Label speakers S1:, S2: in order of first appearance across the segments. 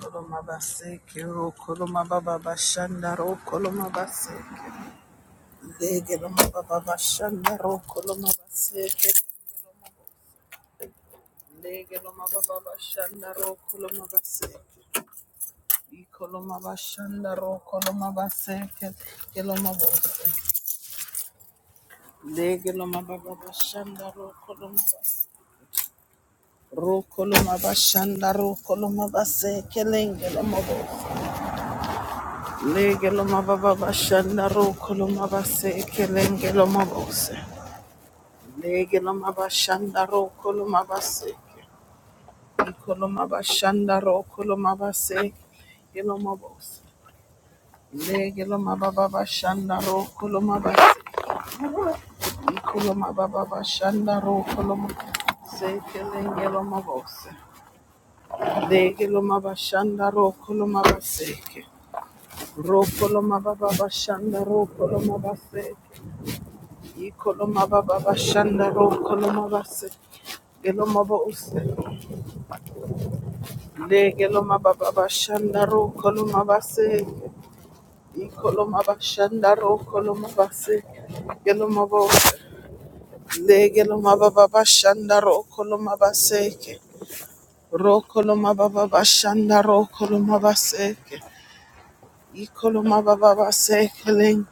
S1: Kolomabaseke ro kolomababa bashanda ro kolomabaseke lege lomababa bashanda ro kolomabaseke lege lomababa bashanda ro kolomabaseke i kolomabashanda ro kolomabaseke kelomabose lege lomababa bashanda ro kolomabaseke ro kolomabashanda ro kolomabaseke lenge lomabose Lege lo mababa bashanda ro koloma base kelenge lo mabase kelengelo mabose. Lege lo mabase. Ikolo mabashanda ro koloma base. Ikoloma bashanda ro koloma base yelo mabose. Lege mababa bashanda ro koloma base. Ikoloma baba bashanda ro koloma se kelenge mabose. Lege mabashanda ro koloma base. Ro koloma baba bashanda ro koloma base. Ikolomaba baba shanda ro kolomaba se gelomaba use le gelomaba baba shandaro kolomaba se ikolomaba shanda ro kolomaba se gelomaba use le gelomaba baba shandaro kolomaba se ke ro kolomaba baba shanda ro kolomaba se ke ikolomaba baba se keleng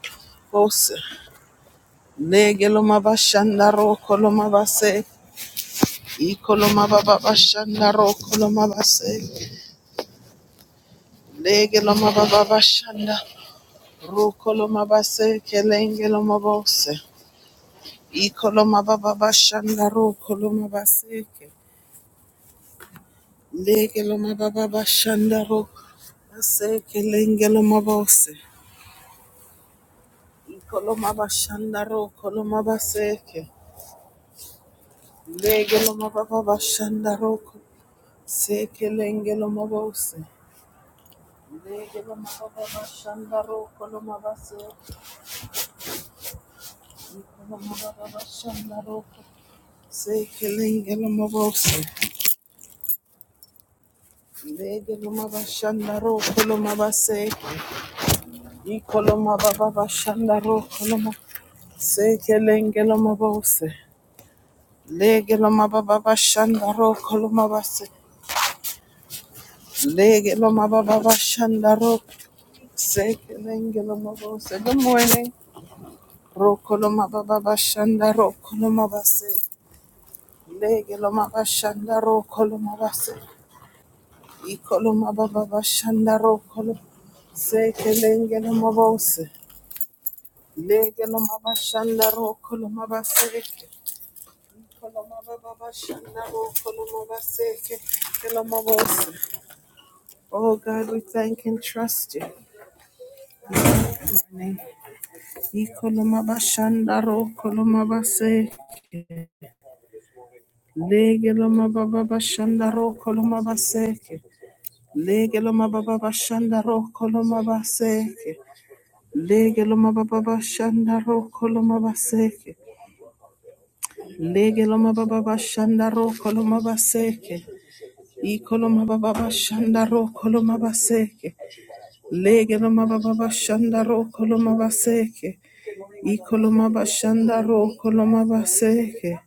S1: ose le gelomaba shandaro kolomaba se Ikoloma baba bashanda rokoloma base legeloma baba bashanda rokoloma base kelengeloma bose ikoloma baba bashanda rokoloma base legeloma baba bashanda ro base kelengeloma bose ikoloma bashanda rokoloma base legeloma baba bashanda roko se kelengeloma bose legeloma baba bashanda rokoloma base. Good morning. Rokoloma baba bashanda rokoloma base. Lege loma bashanda rokoloma Base. Ikoloma baba bashandaro kolo seke lenge no mabose lege no mabashandaro kolo mabaseke ikoloma baba bashandaro kolo mabaseke kolo mabose. Oh God, we thank and trust you. Ikoloma bashandaro kolo mabaseke lege no mababa bashandaro kolo mabaseke lege no mababa bashandaro kolo mabaseke Lege loma baba bashanda roko loma baseke. Lege loma baba bashanda roko loma baseke. Iko loma baba bashanda roko loma baseke. Lege loma baba bashanda roko loma baseke. Iko loma bashanda roko loma baseke.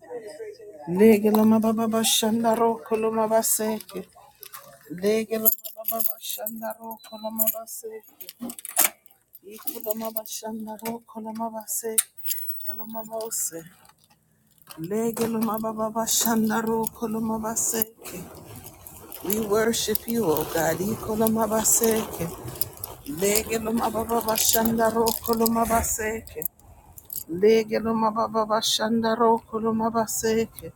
S1: Lege loma baba bashanda roko loma baseke. Lege loma baba bashanda roko loma baseke. Iko loma bashanda roko loma baseke. Yaloma bose. Lege loma baba bashanda ro koloma baseke. We worship you, O God. Ikoloma baseke. Lege loma baba bashanda ro koloma baseke. Lege loma baba bashanda ro koloma baseke.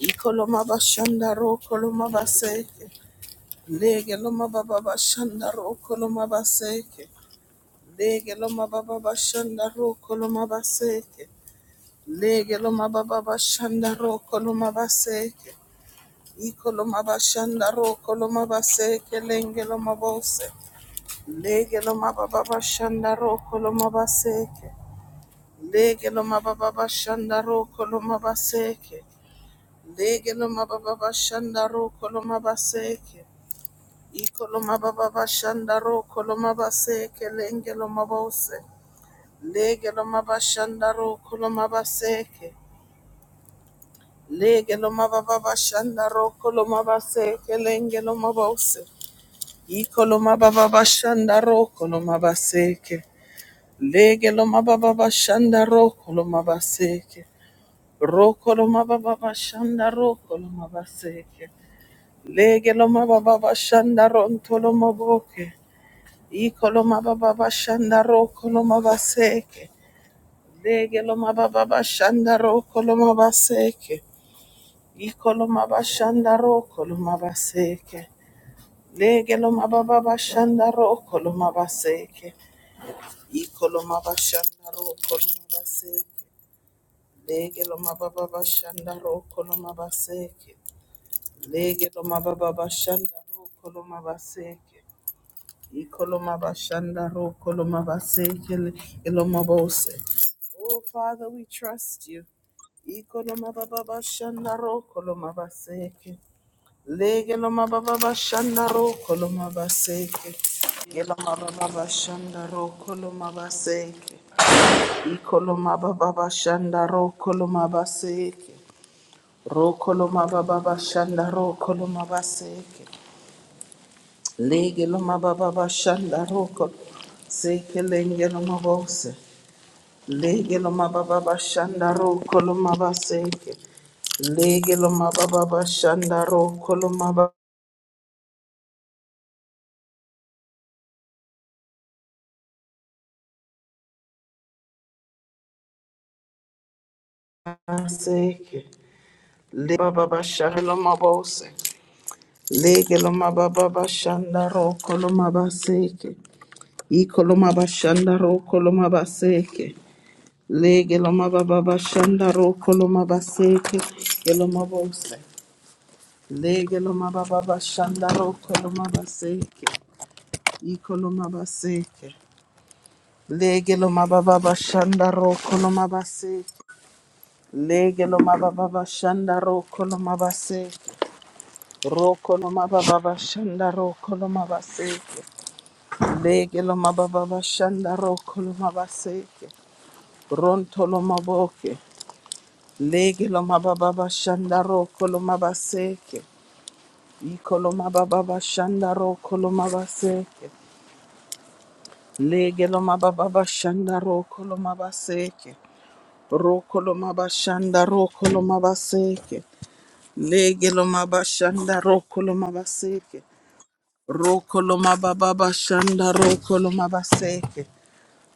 S1: Ikoloma bashanda ro koloma baseke. Lege loma baba bashanda ro koloma baseke. Lege loma baba bashanda ro koloma baseke. Lege loma baba bashanda ro koloma baseke. Ikolomabashandaro, Kolomabase, Kelengelomabose, Legelomababashandaro, Kolomabaseke, Legelomababashandaro, Kolomabaseke, Legelomababashandaro, Kolomabaseke, Ikolomababashandaro, Kolomabaseke, Lengelomabose, Legelomabashandaro, Kolomabaseke, Legelomababashandaro, Kolomabaseke, Lengelomabose, Ikoloma baba bashanda ro koloma baseke. Lege loma baba bashanda ro koloma baseke. Ro koloma baba bashanda ro koloma baseke. Lege loma baba bashanda ro ntoloma boke. Ikoloma baba bashanda ro koloma baseke. Lege loma baba bashanda ro koloma baseke. Ikoloma bashanda ro koloma baseke. Lege loma baba bashanda ro koloma baseke. Ikoloma bashanda ro koloma baseke. Lege loma baba bashanda ro koloma baseke. Lege loma baba bashanda ro koloma baseke. Ikoloma bashanda ro koloma baseke. Lege loma bose. Oh Father, we trust you. Ikoloma baba bashanda ro koloma baseke. Lege loma baba bashanda ro koloma baseke. Lege loma baba bashanda ro koloma baseke. Ikoloma baba bashanda ro koloma baseke. Ro koloma baba bashanda ro koloma baseke. Lege loma baba bashanda ro ko seke lenge loma bose. Lege loma baba bashanda ro koloma baseke. Lege loma baba bashanda ro koloma baseke. Le baba bashanda loma bose. Lege loma baba bashanda ro koloma baseke. Ikoloma bashanda ro, Ikolomabashandaro kolomabaseke. Lege lomabababashandaro kolomabaseke. Elomabose. Lege lomabababashandaro kolomabaseke. Ikolomabaseke. Lege lomabababashandaro kolomabaseke. Lege lomabababashandaro kolomabaseke. Roko lomabababashandaro kolomabaseke. Lege lomabababashandaro kolomabaseke. Bronto Lomaboke, Legi Lomababa Shandaro Kolomabaseke, Ecolomababa Shandaro Kolomabaseke, Legi Lomababa Shandaro Kolomabaseke, Rokolomaba Shandaro Kolomabaseke, Legi Lomaba Shandaro Kolomabaseke, Rokolomababa Shandaro Kolomabaseke.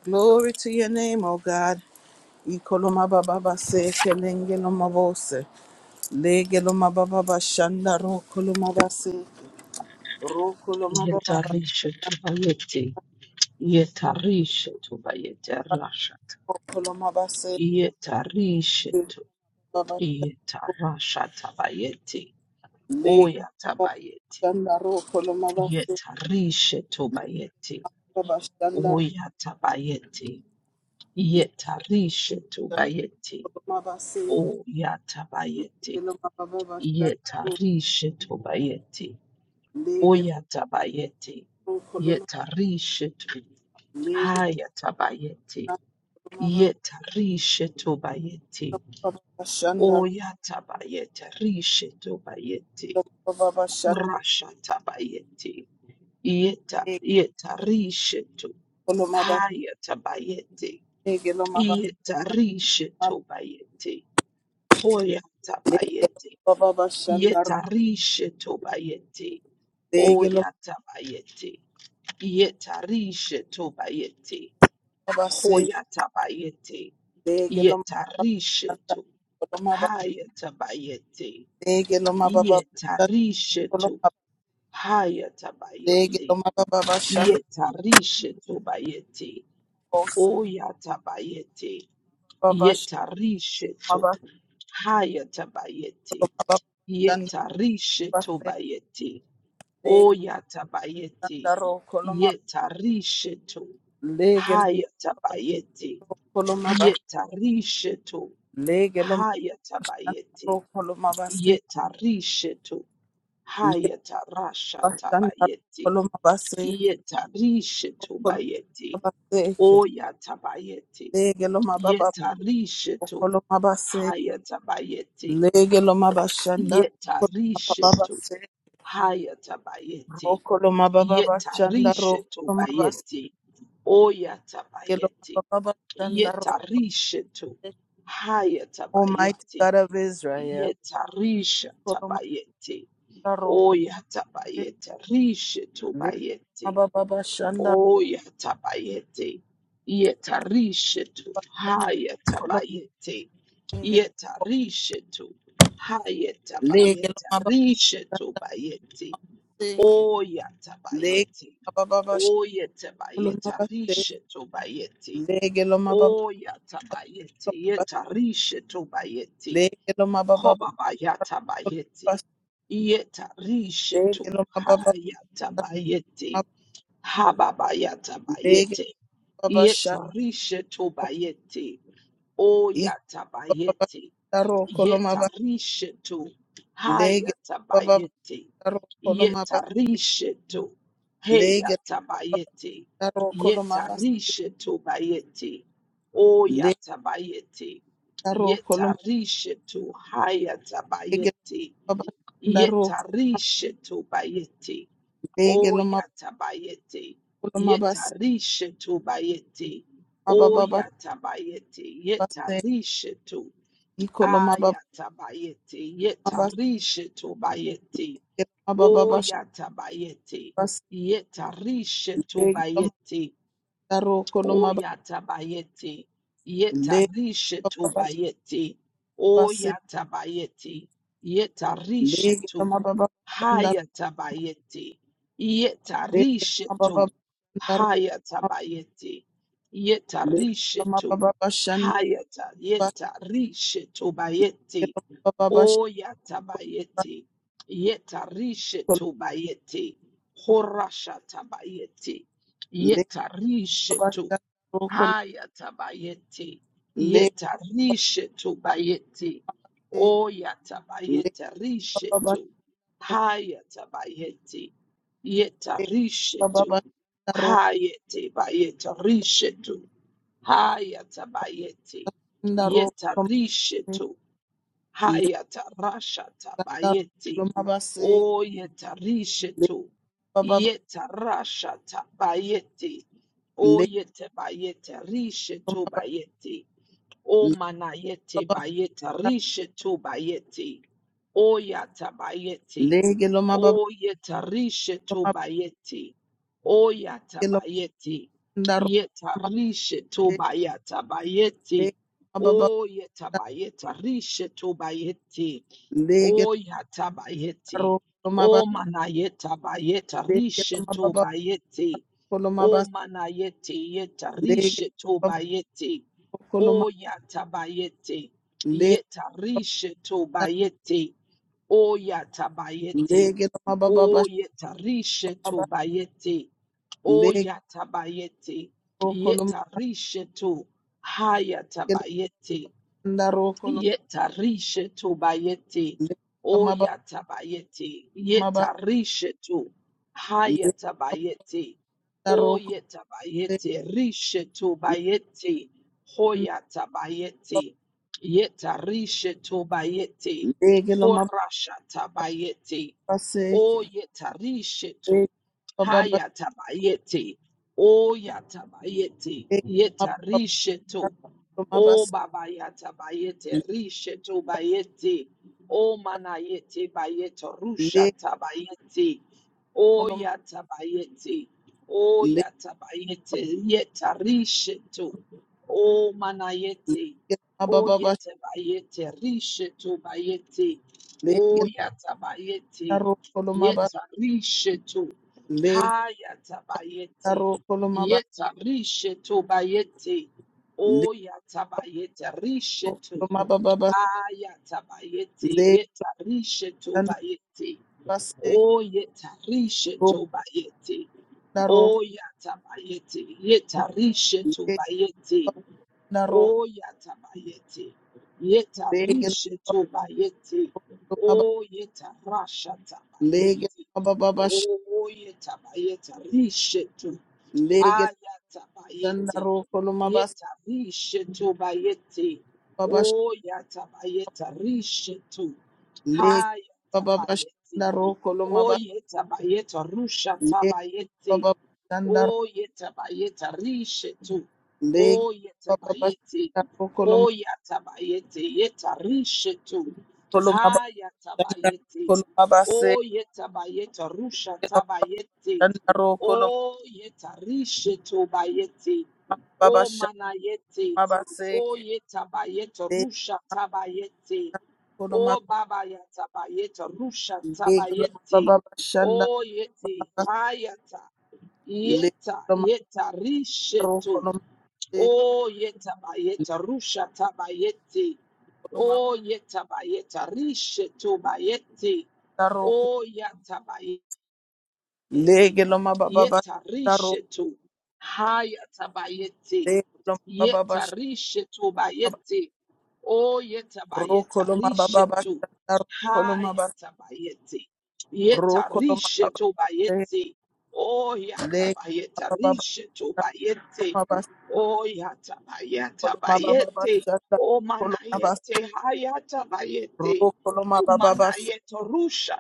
S1: Glory to your name, O God. Ecolomababa Seke, Lengelomabose. Legeloma baba bashanda rokoloma base rokoloma baba baba
S2: Yetarisha tubayeti. Yetarisha tubayeti rashat.
S1: rokoloma base
S2: Yetarisha tu.
S1: baba
S2: Yetarasha tabayeti.
S1: leg
S2: Oya tabayeti.
S1: bashanda rokoloma base
S2: Yetarisha tubayeti.
S1: baba shanda
S2: Oya tabayeti. Yetarisha tubayeti.
S1: rokoloma base
S2: Oya tabayeti.
S1: legeloma baba bashanda
S2: Yetarisha tubayeti.
S1: legel
S2: Oya tabayeti.
S1: rokoloma
S2: Yetarisha tu.
S1: legel
S2: Haya tabayeti.
S1: rokoloma base
S2: Yeta Yetarishetubayeti.
S1: baba bashanda
S2: Horasha
S1: rokoloma baba shanda
S2: Horashatabayeti. Yeta yeta risheto.
S1: legeloma
S2: Hayata bayete.
S1: base
S2: Yeta yetarishetu. Hayatabayeti. Yetarishetubayeti.
S1: legeloma
S2: Hoyatabayeti.
S1: baba bashanda
S2: Yetarishetubayeti.
S1: legeloma
S2: Oyatabayeti. Yetarishetubayeti.
S1: base
S2: Hoyatabayeti.
S1: Lege lo koloma,
S2: Yetarishetu.
S1: lo mababa
S2: Hayatabayete.
S1: lege lo mababa lo
S2: Yetarishetu.
S1: mababa lege lo
S2: Hayatabayete.
S1: mababa shanda
S2: Yetarishetu bayete.
S1: kose
S2: Oyatabayete.
S1: baba
S2: Yetarishetu.
S1: mababa
S2: Hayatabayete.
S1: shanda
S2: Yetarishetu
S1: baba
S2: bayete.
S1: lege shanda
S2: Oyatabayete.
S1: ro kolo mababa
S2: Yetarishetu.
S1: lege lo
S2: Hayatabayete.
S1: kolo mababa
S2: Yetarishetu.
S1: lege lo mababa shanda
S2: Hayatabayete.
S1: ro kolo mababa lege lo shanda ro kolo mababa
S2: Yetarishetu.
S1: kolo mababa lege lo
S2: Hayata rasha tabayeti. Yeta rishetu bayeti. Oya tabayeti.
S1: mababa
S2: Yeta rishetu. Hayata bayeti. Yeta rishetu. Hayata bayeti.
S1: Mokolo mababa
S2: Yeta
S1: bashandaro,
S2: rishetu
S1: mabasikelo
S2: bayeti. Oya tabayeti.
S1: mababa bashandaro.
S2: Yeta rishetu. Hayata
S1: Almighty
S2: bayeti.
S1: God of Israel,
S2: Yeta risha
S1: kolo
S2: tabayeti.
S1: mabaro, kolo
S2: Oyatabayete, rishetu
S1: le
S2: bayete,
S1: mababa bashanda,
S2: oyatabayete, yetarishetu,
S1: kolo
S2: hayatabayete,
S1: mabinge,
S2: yetarishetu,
S1: lege lo
S2: hayatabayete,
S1: mababa
S2: rishetu bayete,
S1: baseke, lege
S2: oyatabayete,
S1: lo mababa bashanda,
S2: oyatabayete,
S1: mabase,
S2: rishetu bayete,
S1: lege lo mababa
S2: oyatabayete, yetarishetu bayete,
S1: lege lo mababa
S2: Kobabayata bayeti. Yeta
S1: lege
S2: rishetu
S1: lo mababa
S2: hayata bayeti. Hababayata
S1: lege lo
S2: bayeti.
S1: mababa shanda,
S2: Yeta rishetu bayeti.
S1: iko
S2: Oyata
S1: mababa
S2: bayeti
S1: shanda ro, kolo mababa
S2: yetarishetu
S1: lege
S2: hayatabayeti
S1: Daro koloma bas
S2: yetarishetu
S1: lege
S2: heyatabayeti
S1: daro koloma bas
S2: yetarishetu bayeti
S1: le
S2: oyatabayeti
S1: daro koloma
S2: yetarishetu
S1: lege
S2: hayatabayeti
S1: baba daro
S2: yetarishetu bayeti
S1: lege loma
S2: oyatabayeti
S1: koloma bas
S2: yetarishetu bayeti
S1: baba baba
S2: oyatabayeti
S1: bas
S2: yetarishetu
S1: i koloma baba
S2: Ayatabayete,
S1: bas
S2: yetarishetobayete,
S1: lege baba baba
S2: oyatabayete,
S1: bas lege loma
S2: yetarishetobayete,
S1: daro koloma bas
S2: oyatabayete,
S1: le baba bas
S2: yetarishetobayete,
S1: bas
S2: oyatabayete,
S1: lege
S2: yetarishetu,
S1: loma baba shanda
S2: hayatabayete,
S1: lege
S2: yetarishe
S1: loma baba
S2: to
S1: daro
S2: hayatabayete,
S1: le loma
S2: yetarishetu,
S1: baba bas shanda
S2: hayata,
S1: bas
S2: yetarishetobayete,
S1: lege loma baba bas
S2: O yatabayeti, yetarishe tobayeti, horasha tabayeti,
S1: le
S2: yetarishe
S1: baba
S2: to,
S1: shanda ro koloma
S2: hayatabayeti,
S1: le
S2: yetarishe tobayeti, o
S1: Lege
S2: yatabayeti rishe to, hayatabayeti, yetarishe to, hayete bayeti rishe to, hayatabayeti, yetarishe to, Hayata Rashata Bayeti. O Yeta Rishetu. Yeta Rashata Bayeti. O Yeta Bayete Rishetu Bayeti. O manayete bayeta rishetu bayeti. O yata bayeti. O yeta rishetu bayeti. O yata bayeti. Yeta rishetu bayata bayeti. O yeta bayeta rishetu bayeti. O yata bayeti. O manayeta bayeta rishetu bayeti. O manayete yeta rishe to bayete. O yata bayete. Yeta rishe to bayete. O yata bayete. O yeta rishe to bayete. O yata bayete. Yeta rishe to hayata bayete. Yetarishetu bayeti. Oyatabayeti. Yetarishetu.
S1: Lege Lege
S2: Hayatabayeti.
S1: Shandaro
S2: Oyetabayeti. Rishetu bayeti. Hoyatabayeti. Yetarishetu bayeti. Horashatabayeti. Oyetarishetu. Hayatabayeti. Oyatabayeti. Yetarishetu. O babayata bayete risheto bayete. O manayete bayeto rusha tabayete. O yata bayete. O yata bayete. Yeta risheto. O manayete. O yete bayete. Risheto bayete. O yata bayete. Yeta risheto. Hayata bayete. Yeta risheto bayete. O yatabayete rishetu. Ayatabayete yeta rishetu bayete. O yeta rishetu bayete. O yatabayete yeta rishetu bayete. O yatabayete yeta rishetu bayete. O yeta rashata bayete. O yeta bayete Ayata bayete.
S1: Kolomabas
S2: Yeta risheto bayete.
S1: Babash
S2: O yata bayeta risheto.
S1: Leg
S2: Hayata
S1: baba bashanda
S2: bayete.
S1: ro koloma
S2: O
S1: ba
S2: yeta bayeta rusha
S1: leg
S2: tabayete.
S1: baba bashanda
S2: O yeta bayeta risheto.
S1: leg
S2: O yeta
S1: baba
S2: bayete.
S1: bashanda ro koloma
S2: O yata bayete. Yeta risheto.
S1: koloma ba
S2: Hayata bayete.
S1: koloma ba se
S2: O yeta bayeta rusha tabayete.
S1: bashanda ro koloma
S2: Oh yeta risheto bayete.
S1: baba
S2: Oh
S1: bashanda
S2: manayete.
S1: ba se
S2: Oh yeta bayete
S1: leg
S2: rusha tabayete.
S1: koloma
S2: Oh baba yata bayete rusha
S1: leg
S2: tabayete.
S1: baba bashanda
S2: Oh yete hayata.
S1: leg
S2: Yeta
S1: koloma
S2: yeta
S1: ro
S2: risheto.
S1: koloma se
S2: Oh yeta bayete rusha tabayete.
S1: koloma
S2: Oh yeta bayete risheto bayete.
S1: ba ro
S2: Oh yata Yeti.
S1: leg koloma baba bashanda ro
S2: Yetarishetu. Hayatabayeti.
S1: leg koloma baba bashanda
S2: Yetarishetu bayeti. O
S1: ro koloma baba
S2: yetabayetarishetu.
S1: bashanda ro koloma ba
S2: Hayatabayeti.
S1: ro koloma baba
S2: Yetarishetu bayeti. O
S1: Lake Baba
S2: yatabayetarishetu bayeti.
S1: Colomabas,
S2: O
S1: Colomabas,
S2: yatabayetabayeti. O
S1: Colomabas,
S2: manayete hayatabayeti.
S1: ro, Colomabas,
S2: Umanayete rusha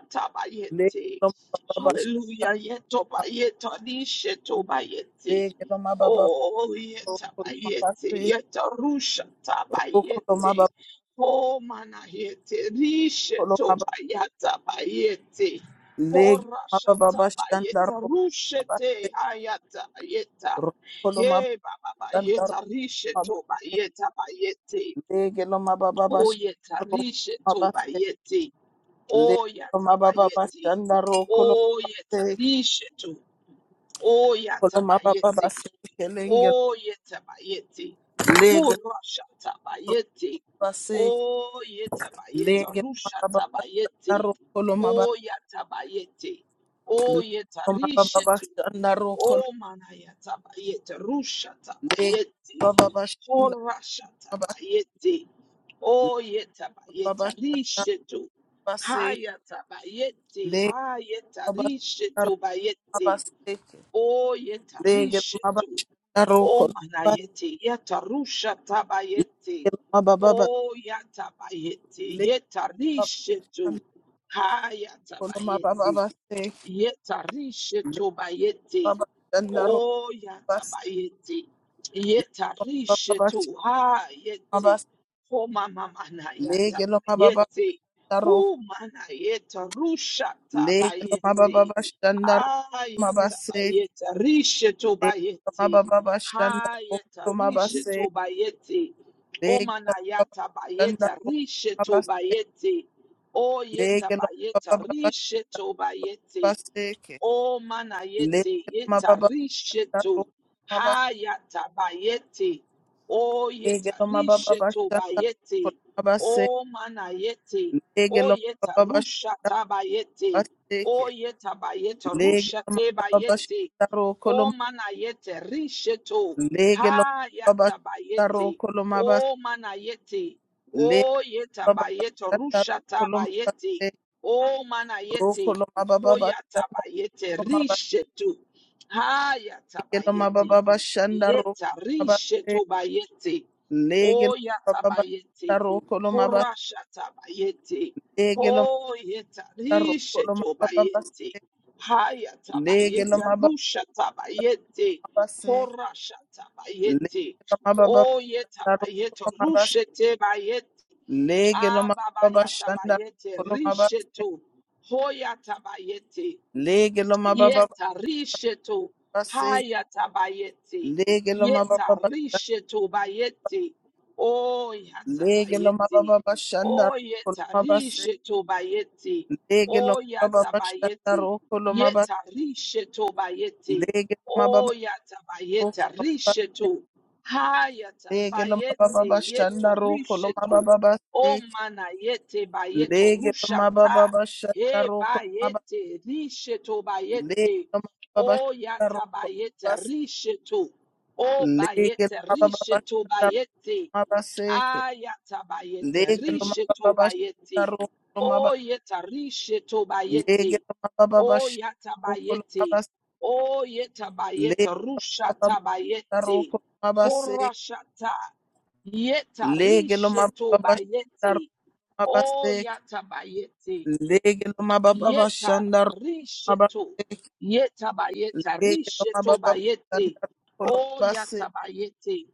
S1: Lake
S2: tabayeti.
S1: Lomabas,
S2: Hallelujah. Yetobayeta nishe tobayete.
S1: Lake Lomababa,
S2: Oh, yeta
S1: Colomabas,
S2: yetarusha Yeta
S1: ro,
S2: tabayete.
S1: Colomabas,
S2: Oh, mana yete. Rishe
S1: Colomabas,
S2: tobayata Oh,
S1: Lake
S2: rasha
S1: Mababa Shandar,
S2: tabayeta. Rushe
S1: Colomabas,
S2: te
S1: ro,
S2: Hey, baba bayeta. Rishe Oh, yeta tobayete. Oyatabayeti. Oyetarishetu. Oyatabayeti. Oyetabayeti.
S1: Legelo
S2: Kurashatabayeti.
S1: basi
S2: Oyetabayeta.
S1: lege mababa
S2: Rushatabayeti.
S1: shandaro kolo maba
S2: Oyatabayeti.
S1: lege mababa
S2: Oyetarishetu.
S1: shandaro kolo
S2: Oh manayata bayete, rushata
S1: lege
S2: bayete,
S1: mababa shandaro
S2: horashata
S1: maba
S2: bayete, oh yeta
S1: mababa
S2: bayeta,
S1: shandaro
S2: rishetu,
S1: basi
S2: hayata bayete,
S1: lege
S2: hayeta
S1: mababa shandaro
S2: rishetu
S1: maba
S2: bayete, oh yeta
S1: lege mababa
S2: rishetu,
S1: shandaro
S2: oh
S1: kolo maba
S2: manayete, yeta rushata bayete,
S1: lege mababa baba
S2: oh yata bayete,
S1: lege
S2: yeta
S1: mababa
S2: rishetu, hayata
S1: kolo mababa
S2: bayete.
S1: basi
S2: Yetarishe
S1: lege
S2: tobayete.
S1: mababa shandaro
S2: Oh,
S1: basi
S2: yatabayete.
S1: kolo
S2: Yetarishe
S1: mababa
S2: to ha
S1: maba
S2: yete. Oh, mama mana
S1: lege mababa
S2: yatabayete.
S1: shandaro
S2: Oh, mana yeta rusha
S1: lege
S2: tabayete.
S1: mababa shandaro
S2: Ah,
S1: maba
S2: yatabayete. Rishe
S1: Legelo
S2: tobayete.
S1: Rokoloma baba bashanda
S2: Ha yetarishe tobayete. Oh, mana yatabayete. Rishe tobayete. Oh, yetabayete. Rishe tobayete. O manayete yetarishetu. Hayatabayete. O yetarishetu bayete. O manayete. O yetarusha tabayete. O yetabayete rusha tebayete. O manayete rishetu. Hayatabayete. O manayete. O yetabayete rusha tabayete. O manayete. Hoyatabayete
S1: koloma
S2: rishetu.
S1: Legelo
S2: Hayatabayete.
S1: mababa shanda roko
S2: Yeta
S1: mababa
S2: rishetu bayete.
S1: legelo mababa
S2: Oyatabayete.
S1: shanda roko lo mababa
S2: Horashatabayete.
S1: legelo
S2: Hoyeta
S1: mababa roko lo
S2: rishetu
S1: mababa
S2: bayete.
S1: se legelo
S2: Hayatabayete.
S1: mababa
S2: Rushatabayete.
S1: se
S2: Horashatabayete. Oyetabayete. Rushete bayete.
S1: legelo
S2: Ah, Baba
S1: mababa shanda roko
S2: Yatabayete,
S1: lo mababa se
S2: Rishetu, Hoya Tabayete,
S1: legelo mababa shanda roko lo
S2: Yeta risheto
S1: mababa se
S2: hayata bayete.
S1: legelo
S2: Yeta
S1: mababa se
S2: risheto bayete. O yata
S1: legelo
S2: bayete.
S1: mababa bashanda.
S2: O yeta risheto bayete.
S1: legelo
S2: O yata
S1: mababa shanda
S2: bayete.
S1: roko lo mababa
S2: Yeta
S1: se
S2: risheto bayete.
S1: legelo mababa shanda roko lo mabase. Legelo mababa se
S2: O yata bayete risheto. Hayata
S1: Lege lo mababa
S2: bayete
S1: bashanda
S2: yeto
S1: roko lo
S2: risheto.
S1: mababa basi.
S2: O mana yete bayeto
S1: Lege lo
S2: rushata.
S1: mababa bashanda
S2: He
S1: roko lo mababa.
S2: bayete, risheto
S1: Lege
S2: bayete,
S1: lo mababa
S2: o
S1: bashanda
S2: yata
S1: roko lo
S2: bayete,
S1: mabasi.
S2: risheto, o
S1: Lege lo
S2: bayete,
S1: mababa
S2: risheto
S1: bashanda roko lo
S2: bayete,
S1: mabaseke.
S2: ayata bayete,
S1: Lege lo mababa
S2: risheto
S1: bashanda
S2: bayete,
S1: roko lo maba.
S2: o yeta risheto
S1: Lege
S2: bayete,
S1: lo mababa
S2: o yata
S1: bashanda roko lo
S2: bayete,
S1: mabasi.
S2: o yeta bayete,
S1: Lege lo mababa bashanda roko lo
S2: rushata bayete,
S1: mabase.
S2: horashata, yeta
S1: Lege lo
S2: risheto
S1: mababa bashanda roko lo
S2: bayete, o
S1: mabase.
S2: yata bayete.
S1: Lege lo mababa
S2: Yeta
S1: bashanda roko lo
S2: risheto.
S1: mabase.
S2: Yeta bayeta
S1: Lege
S2: risheto
S1: Roko
S2: bayete. Oh yata bayete.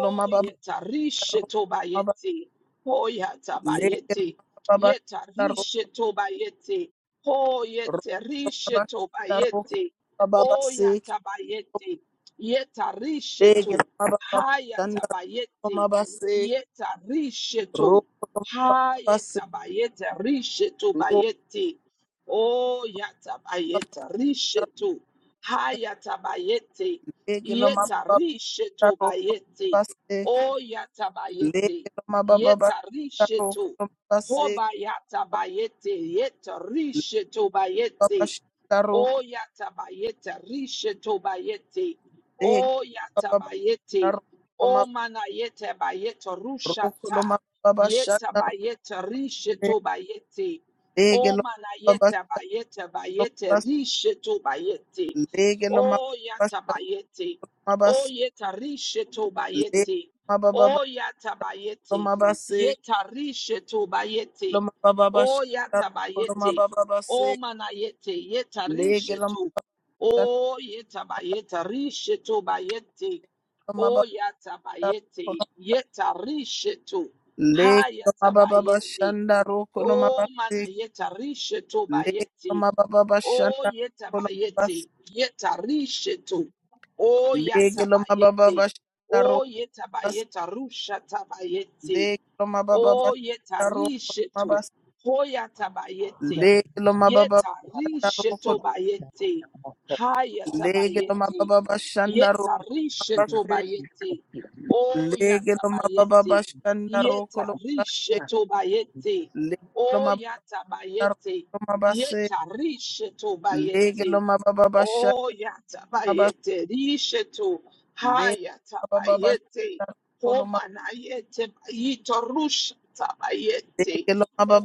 S1: Loma Baba
S2: yeta risheto bayete. Oh yata bayete. Yeta risheto bayete. Oh yeta risheto bayete. Oh yata bayete. Yeta risheto. Hayata bayete. Yeta risheto. Hayeta bayeta rishetu bayeti. Oh yata bayeta rishetu. Hayata bayeti. Yeta rishetu bayeti. Oh yata bayeti. Yeta rishetu. Hoba yata bayeti. Yeta rishetu bayeti. O yatabayete, rishetobayete. O yatabayete. O manayete bayete, rushata.
S1: Shanda
S2: Yetabayete, rishetobayete.
S1: Lege
S2: O
S1: lo mababas,
S2: manayete bayete,
S1: lo
S2: bayete,
S1: mabas,
S2: rishetobayete.
S1: lege lo
S2: O
S1: mababas,
S2: yatabayete.
S1: lo mabas,
S2: O yeta
S1: lege
S2: rishetobayete.
S1: lo mababas,
S2: O
S1: lo
S2: yatabayete.
S1: mabas,
S2: Yeta
S1: lo
S2: rishetobayete.
S1: mababas,
S2: O
S1: lo
S2: yatabayete.
S1: mababas,
S2: O mana yete yeta
S1: lege lo
S2: rishetu.
S1: mababas,
S2: O yeta ba yeta rishetu ba yete.
S1: lo
S2: O
S1: mabas,
S2: yata ba yete yeta rishetu.
S1: lege
S2: Ha
S1: lo
S2: yata ba
S1: mababas,
S2: yete.
S1: shanda roko lo
S2: O
S1: mabas,
S2: mana yeta rishetu ba
S1: lege lo
S2: yete.
S1: mababas,
S2: O
S1: shanda
S2: yeta ba
S1: lo mabas, lege lo mababas, shanda roko lo mabas, lege lo mababas, shanda roko lo
S2: yete yeta rishetu. O yata ba yete. O yeta ba yeta rusha tabayete. O yetarishetu.
S1: mabas,
S2: Hoyatabayete.
S1: lege lo mababas,
S2: Yetarishetu bayete.
S1: Lege lo
S2: Hayatabayete.
S1: mababa bashanda roko lo
S2: Yetarishetu
S1: mabase.
S2: bayete. O
S1: Lege lo mababa
S2: yatabayete.
S1: bashanda roko lo mabase.
S2: Yetarishetu bayete.
S1: Lege lo
S2: O
S1: mababa bashanda roko
S2: yatabayete.
S1: lo mabase.
S2: Yetarishetu
S1: Lege
S2: bayete.
S1: lo mababa bashanda
S2: O
S1: mabase.
S2: yatabayete. Rishetu.
S1: Lege lo mababa
S2: Hayatabayete.
S1: bashanda roko lo mabase.
S2: Homanayete Yitorush Tabayete.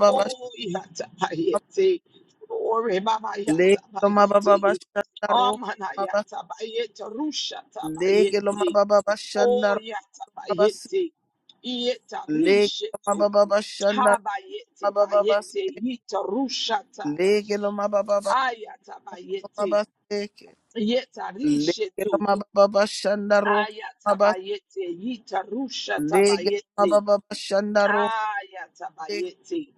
S2: Oh Yatabayete. Ore Baba
S1: Lege lo mababa
S2: Yatabayete.
S1: bashanda
S2: Omanayata Bayete Rusha
S1: Lege lo
S2: Tabayete.
S1: mababa bashanda
S2: Oh
S1: roko
S2: Yatabayete. Yeta
S1: lo mabase. Lege lo
S2: Rishetu.
S1: mababa bashanda
S2: ha
S1: roko lo mabase.
S2: Bayete Yitorushata.
S1: Lege lo mababa bashanda roko lo mabase. Lege lo mababa bashanda
S2: Ayata
S1: roko lo
S2: Bayete.
S1: mabase.
S2: Yeta
S1: Lege lo
S2: Rishetu.
S1: ma ba ba ba shanda ro ma
S2: Ayata
S1: ba
S2: Bayete Yitarushata
S1: lege lo ma ba
S2: Bayete.
S1: ba ba shanda ro
S2: Ah, Ayatabayeti,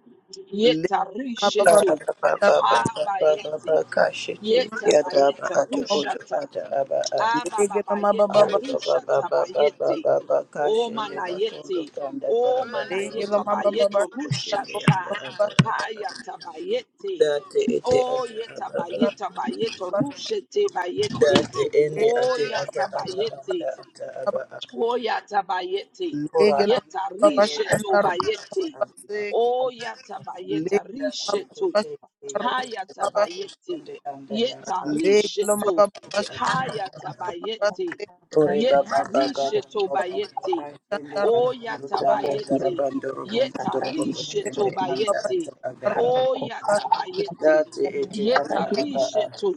S1: lege ma ba ba ba
S2: yetarishetu,
S3: Araba ba
S1: shanda
S3: ba ba ba ba ba ba
S2: habayeti,
S3: Kashiti
S1: ro
S3: Yadaba
S2: yetabayeta
S3: Atu Utu
S2: rushata,
S3: Ata Aba A.
S1: lege lo ma ba ba
S2: ababayeta
S3: Ali
S1: ba
S3: Baba
S2: rushata
S3: Baba Baba
S2: bayeti,
S3: Baba Kashindi Bakundu
S2: omanayeti,
S3: Kanda Tarabando
S1: lege lo
S2: omanayeta
S1: ma
S3: Rukundu
S1: ba ba ba
S2: bayeto
S1: shanda
S3: Kushindi
S1: ro
S2: rushata,
S3: Anda
S1: ma ba
S3: Ata Aba A.
S2: hayatabayeti,
S3: Dati Iti
S2: o
S3: Ata Aba A.
S2: yetabayeta bayeto
S1: ba
S2: rushete bayeti,
S3: Dati
S1: lege
S3: Indi
S2: o
S3: Ati Ata Aba Anda
S2: yatabayeti,
S3: Ata
S1: ma
S3: Aba
S1: ba
S3: A.
S2: Oyatabayete.
S3: Ura
S1: lege lo ma
S3: Anda
S1: ba ba
S3: Kayeti
S2: Yetarisheto
S1: shanda ro
S3: Anda Ata
S2: bayete.
S1: ma ba
S3: Aba A.
S1: seke
S2: Oyatabayeta
S1: lege lo
S3: Dati
S1: ma
S2: risheto.
S1: ba ba
S3: Iti
S1: shanda ro
S3: Yata
S1: ma
S3: Aba
S1: ba
S3: a
S2: Hayatabayete.
S3: Kushindi Anda Yaraba A.
S1: lege lo ma ba
S2: Yetarisheto.
S1: ba ba
S3: Dati
S1: shanda
S3: ata aba a.
S2: Hayatabayete.
S3: Ore baba baba
S2: Yetarisheto
S3: baba
S2: bayete.
S3: kashende
S1: ro
S3: bakundu
S1: ma ba
S3: kanda
S2: Oyatabayete.
S3: karabando robondo torobo
S1: seke shanda ro ma lege lo
S3: koshende
S2: Yetarisheto
S1: ma ba
S3: anda
S1: ba ba
S3: ata
S2: bayete.
S3: aba a.
S2: Oyatabayete.
S3: Dati ete ata aba a.
S2: Yetarisheto.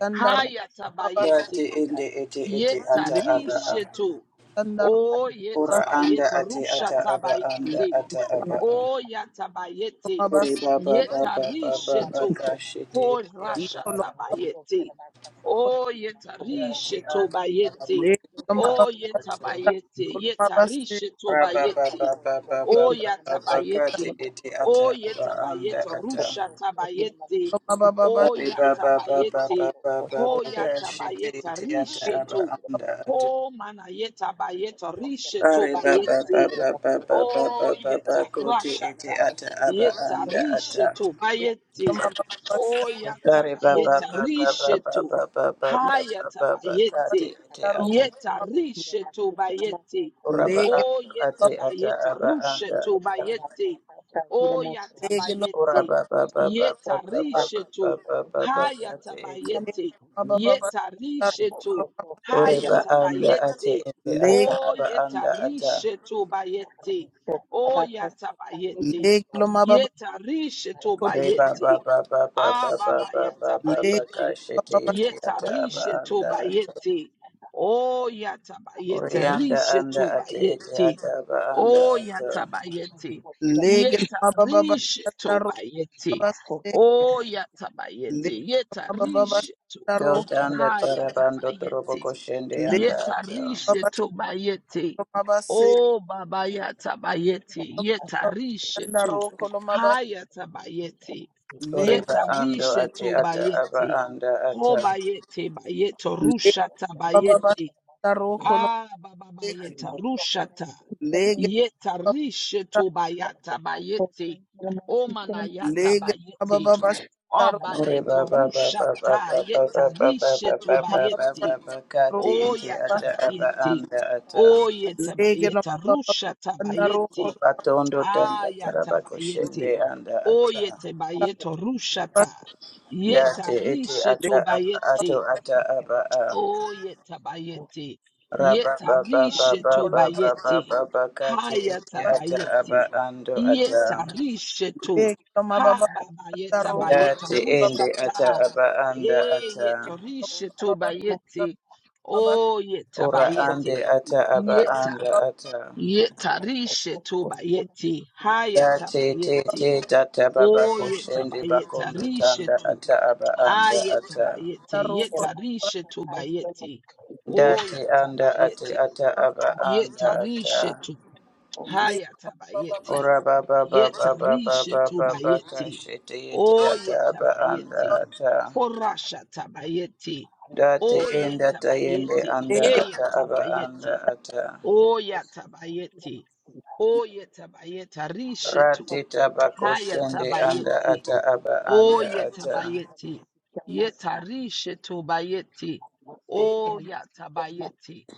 S1: shanda ro ma ba
S2: Hayatabayete.
S3: Dati ende ete ete ata aba a.
S2: Yetarishetu.
S1: Sandarabas,
S2: Oh,
S3: Ora anda
S2: yetabayeta
S3: ate
S2: rusha
S3: ata aba anda
S2: tabayeti.
S3: ata aba a.
S2: O yatabayete,
S3: Ore
S1: Lomabas,
S3: baba baba baba baba
S2: yetarishetu,
S3: kashete
S2: ko
S3: ete ata
S1: Ecolopos,
S3: aba anda.
S2: rashatabayete, o
S3: Dati
S2: yetarishetu
S3: ata aba
S2: bayete,
S1: Lake
S3: koshende
S1: Lomabas,
S2: o
S3: anda ato.
S2: yetabayete,
S1: Colomabas, Lake
S2: yetarishetu
S3: Raba ba
S2: bayete,
S3: ba ba ba
S2: o
S3: kati
S2: yatabayete,
S3: iti ata
S2: o
S3: aba anda
S2: yetabayete,
S3: ata.
S2: rushatabayete,
S1: Lomababas,
S2: o
S3: Ari ba ba ba ba
S2: yatabayete, ho
S3: kashi ti
S2: yatabayete,
S3: iti ata
S1: Lake
S3: aba
S2: rishetu,
S3: anda ata.
S2: ho manayeta bayete, rishetu
S3: Ari ba ba
S2: bayete,
S3: ba ba ba
S2: Oh, yeta
S3: koti iti
S2: rashata.
S1: Lomabas,
S3: ata aba
S2: Yeta
S3: anda ata.
S2: rishetu
S1: Lake
S2: bayeti.
S1: Lomababas,
S2: Oh, yata
S3: Ari ba ba
S2: bayeta
S3: ba ba ba ba
S2: rishetu. Hayata
S3: kati
S2: bayeti.
S3: iti
S1: Laro,
S3: ata.
S2: Yeta rishetu bayeti.
S3: Uraba
S1: Legabas,
S2: Oh,
S3: anda
S2: yeta
S3: ati ata
S2: bayeta
S3: aba anda
S2: rushetu
S3: ata.
S2: bayeti. Oh, yata
S1: Lake
S2: bayeti.
S3: Uraba ba ba ba ba ba
S2: Yeta
S3: ba
S2: rishetu. Hayata
S3: kati iti.
S2: bayeti.
S1: Lomababas,
S2: Yeta rishetu.
S3: Oreba
S2: Hayata
S3: anda ate
S2: bayeti.
S3: ete
S1: Lake
S3: ata
S2: O
S3: aba
S2: yeta
S3: anda ata.
S2: rishe to bayete. O yata bayete.
S1: Leg, Lomababas,
S2: Yeta rishe to
S3: Reba ba
S2: bayete.
S3: ba ba ba ba
S2: Ah,
S3: ba
S2: baba
S3: ba
S2: yata
S3: ba ba ba
S1: Leg,
S3: ka
S2: bayete.
S3: shete
S1: Lomababas,
S3: ete
S2: Yeta
S3: ata aba
S2: rishe to
S3: anda ata.
S2: bayete. O yata bayete.
S3: Orianda
S2: Rishe
S3: anda
S2: to
S3: ate ete
S2: bayete.
S3: ata aba anda
S2: O
S3: ata.
S2: yata bayete.
S1: Leg,
S2: Yeta
S1: Lomababas,
S2: rishe to
S1: Laro,
S2: bayete.
S1: Mabas,
S2: O yata
S1: Leg,
S2: bayete. Yeta
S1: Lomababas,
S2: rishe to.
S1: Laro,
S3: Dota anda
S2: Ha yata
S3: tarabando torobo
S2: bayete.
S3: koshende anda ata.
S2: Yetarishe
S1: Legabas,
S2: to bayete.
S1: Lomabas,
S2: Oh babayata bayete. Yetarishe to.
S1: Laro, Colomabas,
S2: Hayata bayete.
S3: Oreba ando
S2: Yetarishe
S3: ate
S2: to
S3: ata aba
S2: bayete.
S3: anda
S2: Ho
S3: ata.
S2: bayete bayeto
S1: Lege
S2: rushata
S1: baba baba
S2: bayete.
S1: taro kolombe.
S2: Ah baba bayeta rushata.
S1: Lege baba
S2: Yetarishe to bayata bayete. O manayata
S1: lege baba
S2: bayete.
S1: baba
S2: Oh
S1: taro
S3: Oreba
S2: bayeto
S3: ba ba ba ba
S2: rushata.
S3: ba ba ba ba ba ba
S2: Yetarishe
S3: ba
S2: to
S3: ba ba
S1: mama
S3: ba
S1: baba
S2: bayete.
S3: ba ba
S1: taro
S3: kate ete
S2: Oya
S1: baba.
S3: ata aba
S2: tabayete.
S3: anda ata.
S2: Oye
S1: Lege baba
S2: tabayeta.
S1: baba
S2: Rusha
S1: taro
S2: tabayete.
S1: kolombe.
S3: Batondo tanda
S2: Aya
S3: taraba
S1: Lege
S2: tabayete.
S3: kushende anda ata
S2: Oye tabayeto rusha
S1: baba
S2: ta. Yeta
S3: date ete
S2: rishe
S3: ata
S1: lege
S3: aba
S2: tobayete.
S3: ato ata aba a
S2: Oh, yetabayeti.
S3: raba ba ba ba
S2: Yetarishe
S3: ba ba
S1: kolombe
S3: ba ba
S2: tobayeti.
S3: ba ba kati
S2: Haya
S3: ete
S1: baba.
S3: ata aba
S2: tabayeti.
S3: ando ata
S2: Yetarishe to.
S1: Lege baba
S2: Ha
S1: baba
S2: babayeta
S1: taro kolombe baba.
S2: bayeta
S3: date ende ata
S2: rushata.
S3: aba anda
S2: E
S3: ata
S1: Lege
S2: yetarishe
S1: baba
S2: tobayeti.
S1: baba
S2: Oh,
S3: ora ande
S2: yetabayeti.
S3: ata aba
S2: Yeta.
S3: anda ata
S2: Yetarishe tobayeti. Haya
S3: date te
S2: tabayeti.
S3: te tata baba
S2: Oh,
S3: koshende
S2: yetabayeta
S3: bakondo
S2: rishe
S3: tanda
S2: to.
S3: ata aba anda
S2: Ayeta
S3: ata
S2: bayete,
S1: taro
S2: yeta
S1: kolombe.
S2: Ayetabayete, yetarishetubayete. Oh,
S1: Lege
S3: dati
S2: yata
S3: anda ati
S2: bayeti
S3: ata
S1: taro
S3: aba
S1: kolombe
S3: anda
S1: baba.
S3: ata
S2: yetarishetu,
S1: Lege baba
S2: hayatabayete,
S1: baba
S3: Ora ba ba ba ba ba ba ba ba ba ka
S2: yetarishetubayete.
S3: shete yete
S2: Oh,
S3: ata aba anda
S2: yetabayete,
S3: ata.
S2: horashatabayete.
S3: Date
S2: Oh,
S3: enda tayende
S2: yetabayete,
S3: anda
S1: lege
S3: ata aba
S2: heyatabayete.
S3: anda ata.
S2: Oh, yatabayete, oh, yeta bayeta rishetu,
S3: Rati tabako shende anda
S2: hayatabayete.
S3: ata aba
S2: O
S3: anda ata.
S2: yetabayeti. Yetarishe tobayeti.
S1: lege
S2: O yatabayeti.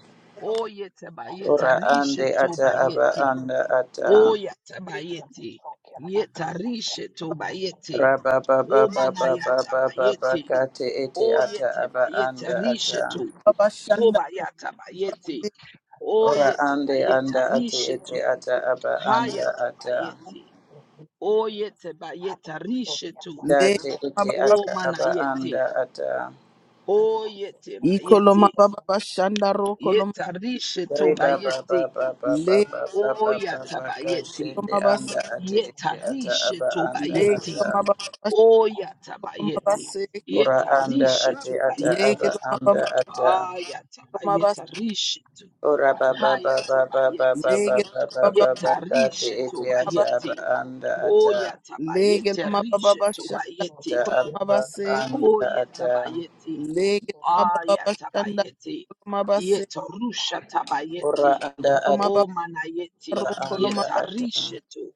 S2: O
S1: kolombe
S2: yetabayeta
S3: Ora ande
S2: rishe
S3: ata aba
S2: tobayeti.
S3: anda ata.
S2: O yatabayeti. Yetarishe tobayeti.
S3: Raba ba ba
S2: O
S3: ba ba ba ba ba ba
S2: manayatabayeti.
S3: kate ete
S2: O
S3: ata aba
S2: yetabayeta
S3: anda
S2: rishe
S3: ata.
S2: to.
S1: baba
S2: Tobayatabayeti. O
S3: Ora ande
S2: yetabayeta
S3: anda ate
S2: rishe
S3: ete
S2: to.
S3: ata aba anda ata.
S2: Hayatabayeti. O yetabayeta rishe to.
S3: Dati iti
S2: O
S3: ata aba
S2: manayeti.
S3: anda ata.
S2: O yete
S1: ikoloma
S2: bayeti.
S1: baba baba shanda
S2: Yetarishe to
S3: Riba ba ba
S2: bayeti.
S3: ba ba ba ba ba ba
S2: O
S3: ba
S2: yata
S3: ba ka
S2: bayeti.
S1: Legilomabas,
S3: anda ati iti ata
S2: Yetarishe
S3: aba
S2: to
S3: anda
S2: bayeti.
S3: ata.
S1: legilomabas,
S2: O yata bayeti.
S3: Ura anda
S2: Yetarishe
S3: ati
S2: to
S3: ata aba
S2: bayeti.
S3: anda
S1: legilomabas,
S3: ata.
S2: Ayata
S1: legilomabas,
S2: bayeta rishe to.
S3: Ura ba ba ba
S2: Hayata
S3: ba ba ba ba
S2: bayeti.
S3: ba ba ba ba
S1: legilomabas,
S3: ba ka
S2: Yetarishe to
S3: iti ata aba
S2: bayeti.
S3: anda
S2: O
S3: ata.
S2: yata bayete rishe
S1: legilomabas,
S2: to bayeti.
S3: Ata aba
S1: shankulomabas,
S2: O
S3: anda
S2: yeta
S3: ata.
S2: bayeti. Aya
S1: legilomabas,
S2: tabayeti.
S1: shandakulomabas,
S2: Yeta rusha
S3: Ura
S2: tabayeti.
S3: anda ata
S2: O manayeti.
S3: aba anda
S2: Yeta
S1: lomababarukulomabas,
S3: ata.
S2: rishetu.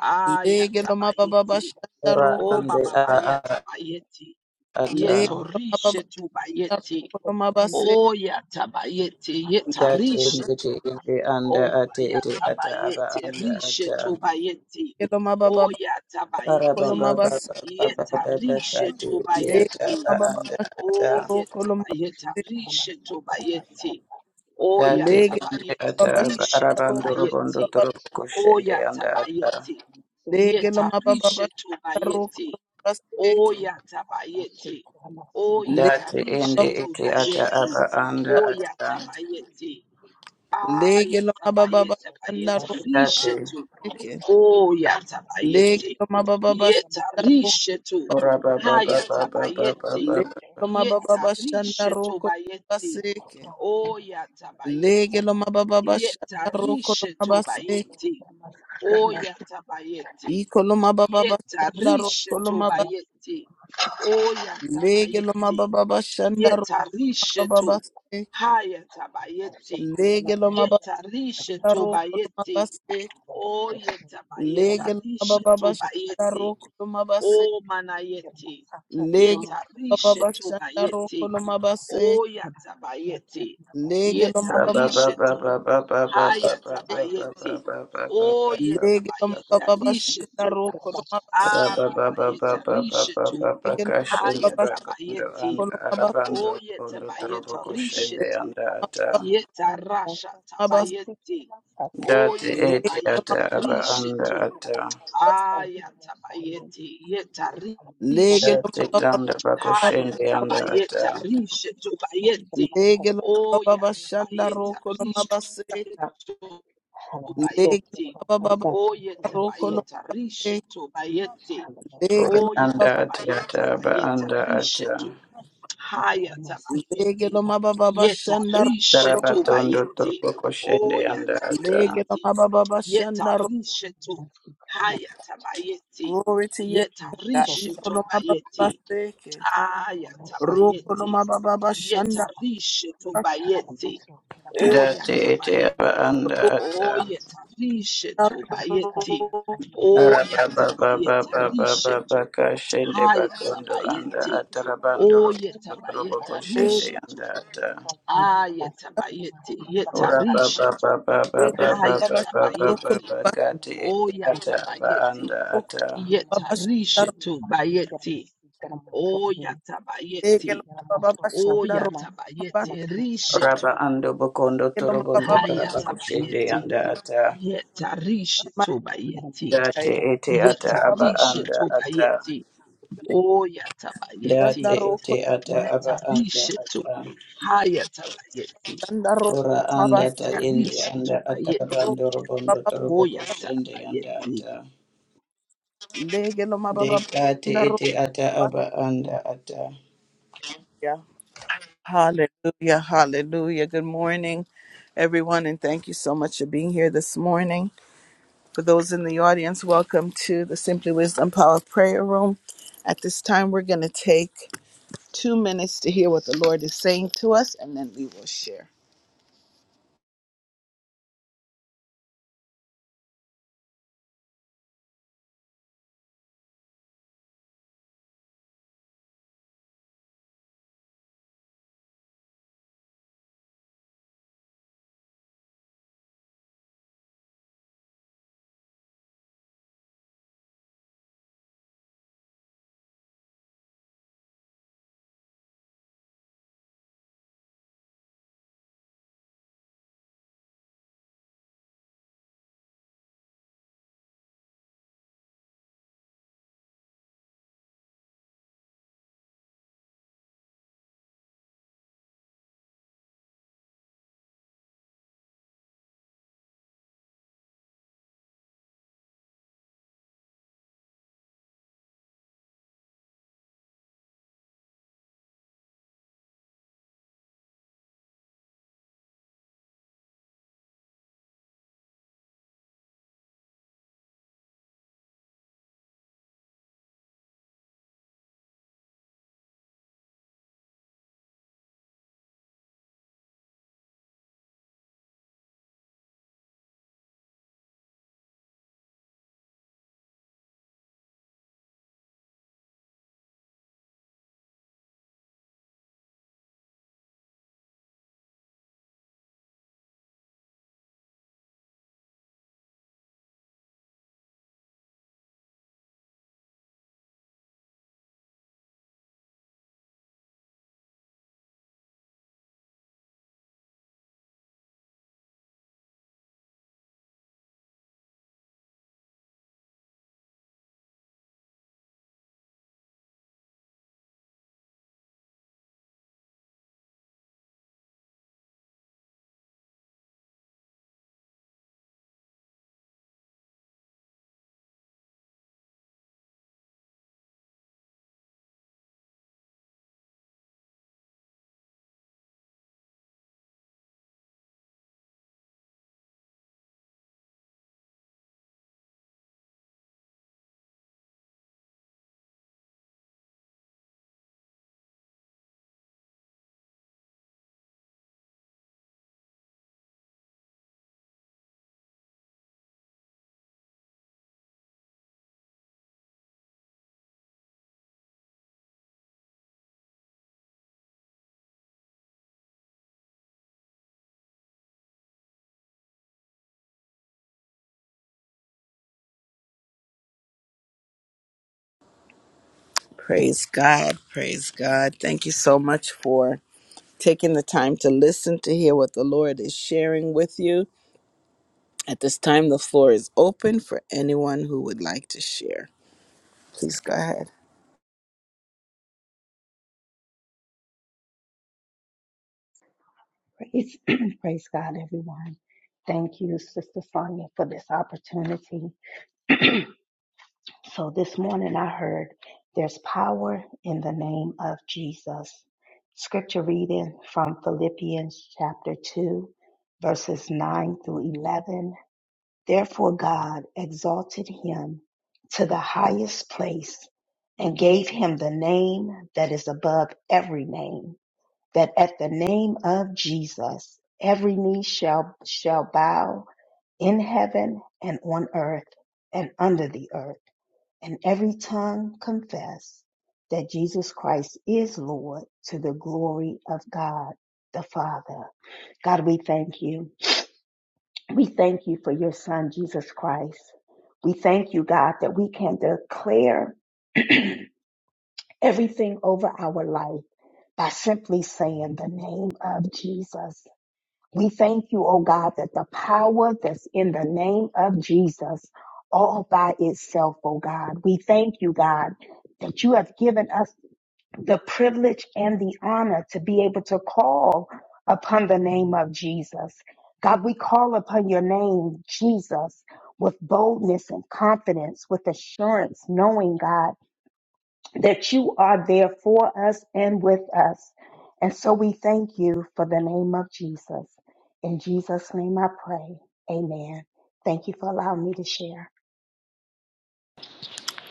S2: Aya
S1: legilomabas,
S2: tabayeti.
S3: Ura
S2: O
S1: shandarukul,
S3: anda ata
S2: bababaya
S3: aba
S2: tabayeti.
S3: ata.
S2: Yeta
S1: legilomabas,
S2: rishetu bayeti.
S1: kulomabas,
S2: O ya tabayeti. Yeta
S3: That in the
S2: rishetu.
S3: tea in the under
S2: O
S3: at the
S2: baya
S3: it at the
S2: tabayeti.
S3: under at
S2: Rishetu bayeti. O
S1: legilomabas,
S2: ya tabayeti.
S3: Arababa
S1: kulomabas,
S2: Yeta rishetu
S3: Kati at
S2: bayeti.
S3: the
S1: legilomabas,
S3: under at
S2: Oye
S1: sharukulomabas,
S2: tabayeta rishe tobayeti. Oya
S3: that in
S1: legilomabas,
S3: the
S2: tabayeti
S3: at
S2: rishe
S3: Arabando Robondo
S2: tobayeti.
S3: Torokushin
S2: Oya
S3: the under at
S2: tabayeti.
S1: Lege lo
S2: Yeta rishe
S1: mababa roko
S2: tobayeti.
S1: baseke.
S2: Oya tabayeti. Oye
S1: Lege
S3: that in
S2: tarishe
S3: the it at the
S2: tobayeti.
S3: under at
S2: Oya tabayeti.
S1: Lege
S2: Aya
S1: lo mababa
S2: tabayeta
S1: shanda
S2: bayeta
S3: that
S2: rishe
S1: rokeke.
S2: Oh,
S1: Lege
S2: yatabayeti.
S1: lo mababa shanda roko.
S2: Yetarishetu.
S3: Urababa Baba
S2: Hayatabayeti.
S1: Lege lo mababa shanda
S2: Yetarishetu
S1: roko
S2: bayeti.
S1: baseke.
S2: Oh,
S1: Lege
S2: yatabayeti.
S1: lo mababa shanda roko
S2: Yetarishetu
S1: baseke.
S2: bayeti. Oh, yatabayeti.
S1: Iko lo mababa shanda roko lo
S2: Yetarishetu
S1: mababa.
S2: bayeti. Oh,
S1: Lege lo
S2: yatabayeti.
S1: mababa shanda roko
S2: Yetarishetu.
S1: baseke.
S2: Hayatabayeti.
S1: Lege lo mababa
S2: Yetarishetu
S1: roko
S2: bayeti. O yeta ba yeta
S1: Lege baba
S2: rishe to
S1: baba
S2: ba
S1: shanda roko no mabase.
S2: O mana yete.
S1: Lege
S2: Yeta
S1: baba
S2: rishe
S1: baba
S2: to ba
S1: shanda roko
S2: yete.
S1: no mabase.
S2: O yata ba
S1: Lege no
S2: Yeta
S1: mababa.
S2: rishe to. Ha yata ba yete. O yeta
S1: Lege
S2: ba
S1: no mababa
S2: rishe
S1: shanda
S2: to.
S1: roko no mabase.
S2: Ah baba yeta rishe to.
S1: Lege no
S2: Ha
S3: Rababababababababakashende
S1: mababa
S2: yata ba
S3: bakondo and
S2: yete.
S1: shanda no mabase
S3: arabando
S2: O yeta
S3: ondo
S2: ba
S3: torobo
S2: yeta rishe
S3: koshende
S2: to.
S3: anda ata.
S2: Yeta rasha
S1: mabase.
S2: tabayete. O
S3: Dati
S2: yeta
S1: Lege
S2: ba
S3: eti ata aba
S2: rishe
S3: anda
S2: to.
S3: ata.
S1: ba-
S2: Ayatabayete
S1: lege no
S3: Dati
S2: yetarishetu.
S3: tanda
S1: mababa.
S3: bakoshende anda ata.
S2: Hayatabayeta rishetu bayete.
S1: Lege no mababa shanda
S2: Oyatabayeta
S1: roko no
S2: rishetu
S1: mabase. Lege
S2: bayete.
S1: no mababa roko no
S2: Oyatabayeta
S1: mabase.
S2: rishetu bayete.
S3: Ori
S1: Lege no
S3: anda
S1: mababa.
S3: ati ata
S2: Oyatabayata
S3: aba
S2: bayeta
S3: anda ata.
S2: rishetu. Haya
S1: Lege no
S2: tabayeti.
S1: mababa
S2: Yeta
S1: shanda roko
S2: rishe
S1: no.
S2: tu
S3: Tarabatondo
S2: bayeti.
S3: torobo koshende
S2: Oya
S3: anda ata.
S1: Lege no
S2: tabayeti.
S1: mababa
S2: Yeta
S1: shanda
S2: rishe tu. Haya tabayeti.
S1: Glory to your
S2: Yeta
S1: name, God.
S2: rishe tu bayeti.
S1: Ikolomababaseke.
S2: Aya tabayeti. Yeta
S1: Rokolomabababashanda.
S2: rishe tu bayeti. Oya
S3: Dati eti aba
S2: tabayeti.
S3: anda
S1: Rokolomababaseke.
S3: ata.
S2: Oya tarishe tu bayeti.
S1: Rokolomababashanda.
S2: Oya
S3: Arababa baba
S2: tabayeti
S3: baba baba
S2: rishe tu.
S3: Arababababababababakashende bakondo anda
S2: Hayatabayete.
S3: atarabandoro toroboko
S2: Oyetabayeta
S3: shende
S2: rishetu.
S3: anda ata.
S2: Ayetabayete. Yeta rishetu.
S1: Rokolomababashanda.
S2: Hayatabayete.
S1: Rokolomababashanda.
S3: Urababababababababababakati ete ata aba
S2: Oyatabayete.
S3: anda ata.
S1: Rokolomababaseke.
S2: Yeta
S1: Rokolomabababashanda.
S2: rishetu bayete. Oyatabayete.
S1: Rokolomababashanda. Rokolomababashanda.
S2: Oyatabayete
S1: Rokolomababaseke.
S2: rishetu.
S3: Raba ando bokondo torobondo toraba shende
S2: Hayatabayete.
S3: anda ata.
S2: Yeta rishetu bayete.
S3: Date ete ata
S2: Yeta
S3: aba
S1: Rokolomababashanda.
S3: anda
S2: rishetu
S3: ata.
S2: bayete. Oyatabayete.
S3: Date ete ata aba anda
S2: Yatarishetu.
S3: ata.
S2: Hayata bayeti.
S3: Ora anda ta indi
S1: Rokolomababashanda.
S2: Yatarishetu
S3: anda
S2: bayeti.
S3: atarabando robondo toroboko
S2: Oyata
S3: shende anda
S2: bayeti.
S3: ata. Dekate ete ata aba anda ata.
S1: Hallelujah, hallelujah. Good morning, everyone, and thank you so much for being here this morning. For those in the audience, welcome to the Simply Wisdom Power Prayer Room. At this time, we're going to take two minutes to hear what the Lord is saying to us, and then we will share. Praise God, praise God. Thank you so much for taking the time to listen to hear what the Lord is sharing with you. At this time, the floor is open for anyone who would like to share. Please go ahead.
S4: heaven. Therefore, God exalted him to the highest place and gave him the name that is above every name, that at the name of Jesus, every knee shall, shall bow in heaven and on earth and under the earth, and every tongue confess that Jesus Christ is Lord to the glory of God the Father. God, we thank you. We thank you for your son, Jesus Christ. We thank you, God, that we can declare everything over our life by simply saying the name of Jesus. We thank you, oh God, that the power that's in the name of Jesus all by itself, oh God. We thank you, God, that you have given us the privilege and the honor to be able to call upon the name of Jesus. God, we call upon your name, Jesus, with boldness and confidence, with assurance, knowing, God, that you are there for us and with us. And so we thank you for the name of Jesus. In Jesus' name I pray. Amen. Thank you for allowing me to share.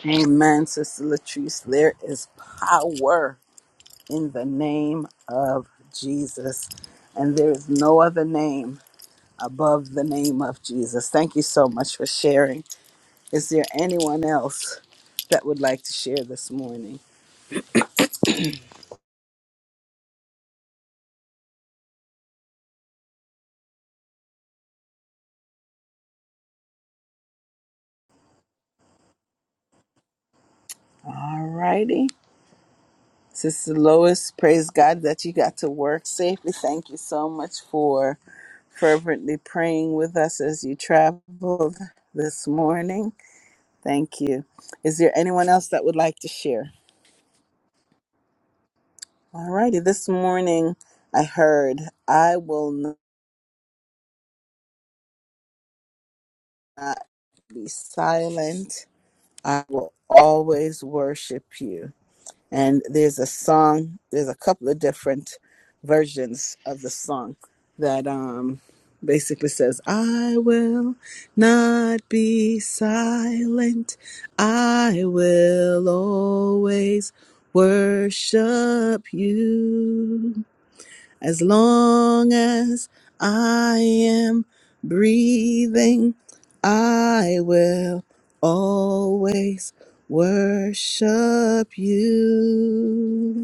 S1: Amen, Sister Latrice. There is power in the name of Jesus, and there is no other name above the name of Jesus. Thank you so much for sharing. Is there anyone else that would like to share this morning? All righty. Sister Lois, praise God that you got to work safely. Thank you so much for fervently praying with us as you traveled this morning. Thank you. Is there anyone else that would like to share? All righty. This morning I heard, I will not be silent. I will always worship you. And there's a song, there's a couple of different versions of the song that um, basically says, I will not be silent. I will always worship you. As long as I am breathing, I will always worship you.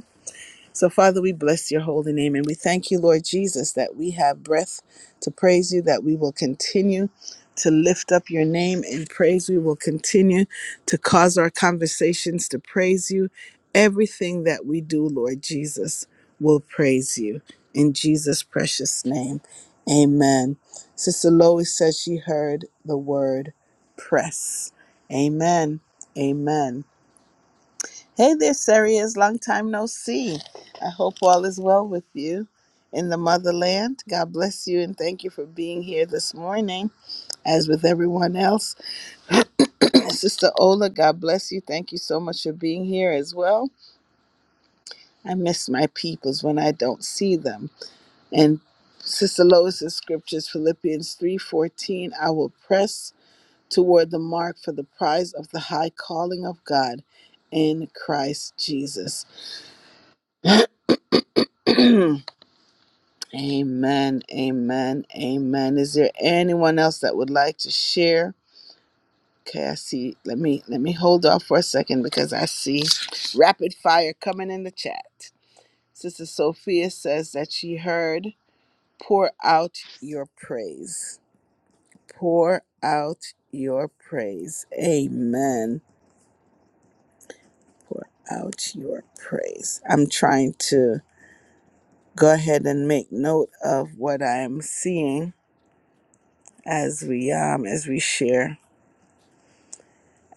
S1: So, Father, we bless your holy name and we thank you, Lord Jesus, that we have breath to praise you, that we will continue to lift up your name in praise. We will continue to cause our conversations to praise you. Everything that we do, Lord Jesus, will praise you. In Jesus' precious name, amen. Sister Lois says she heard the word press. Amen. Amen. Hey there, Serious. Long time no see. I hope all is well with you in the motherland. God bless you and thank you for being here this morning, as with everyone else. Sister Ola, God bless you. Thank you so much for being here as well. I miss my peoples when I don't see them. And Sister Lois's scriptures, Philippians 3:14, I will press toward the mark for the prize of the high calling of God in Christ Jesus. Amen, amen, amen. Is there anyone else that would like to share? Okay, I see. Let me let me hold off for a second because I see rapid fire coming in the chat. Sister Sophia says that she heard, "Pour out your praise. Pour out your praise." Amen. Pour out your praise. I'm trying to go ahead and make note of what I'm seeing as we um as we share.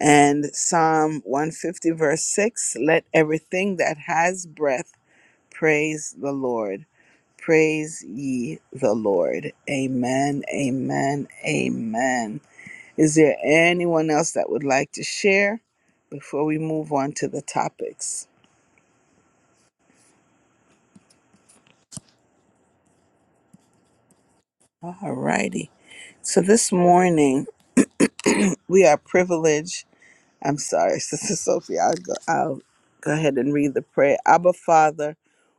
S1: And Psalm 150, verse 6 Let everything that has breath praise the Lord. Praise ye the Lord. Amen, amen, amen. Is there anyone else that would like to share before we move on to the topics? All righty. So this morning, we are privileged. I'm sorry, Sister Sophie, I'll go, I'll go ahead and read the prayer. Abba, Father.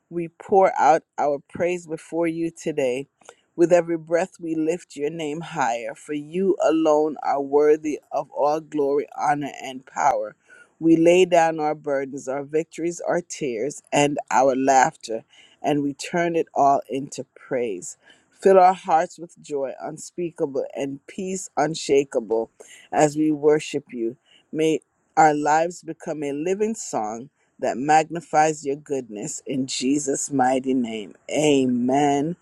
S1: we pour out our praise before you today. With every breath, we lift your name higher, for you alone are worthy of all glory, honor, and power. We lay down our burdens, our victories, our tears, and our laughter, and we turn it all into praise. Fill our hearts with joy unspeakable and peace unshakable as we worship you. May our lives become a living song that magnifies your goodness in Jesus' mighty name. Amen,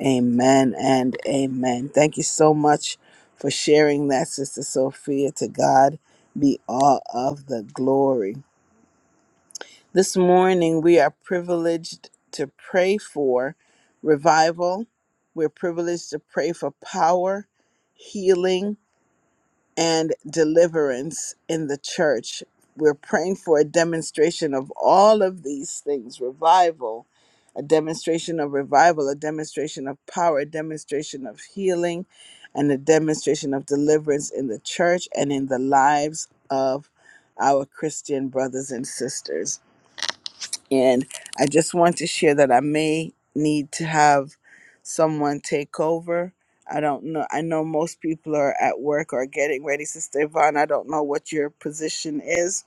S1: amen, and amen. Thank you so much for sharing that, Sister Sophia. To God be all of the glory. This morning, we are privileged to pray for revival, we're privileged to pray for power, healing, and deliverance in the church. We're praying for a demonstration of all of these things revival, a demonstration of revival, a demonstration of power, a demonstration of healing, and a demonstration of deliverance in the church and in the lives of our Christian brothers and sisters. And I just want to share that I may need to have someone take over. I don't know. I know most people are at work or getting ready. Sister Yvonne, I don't know what your position is,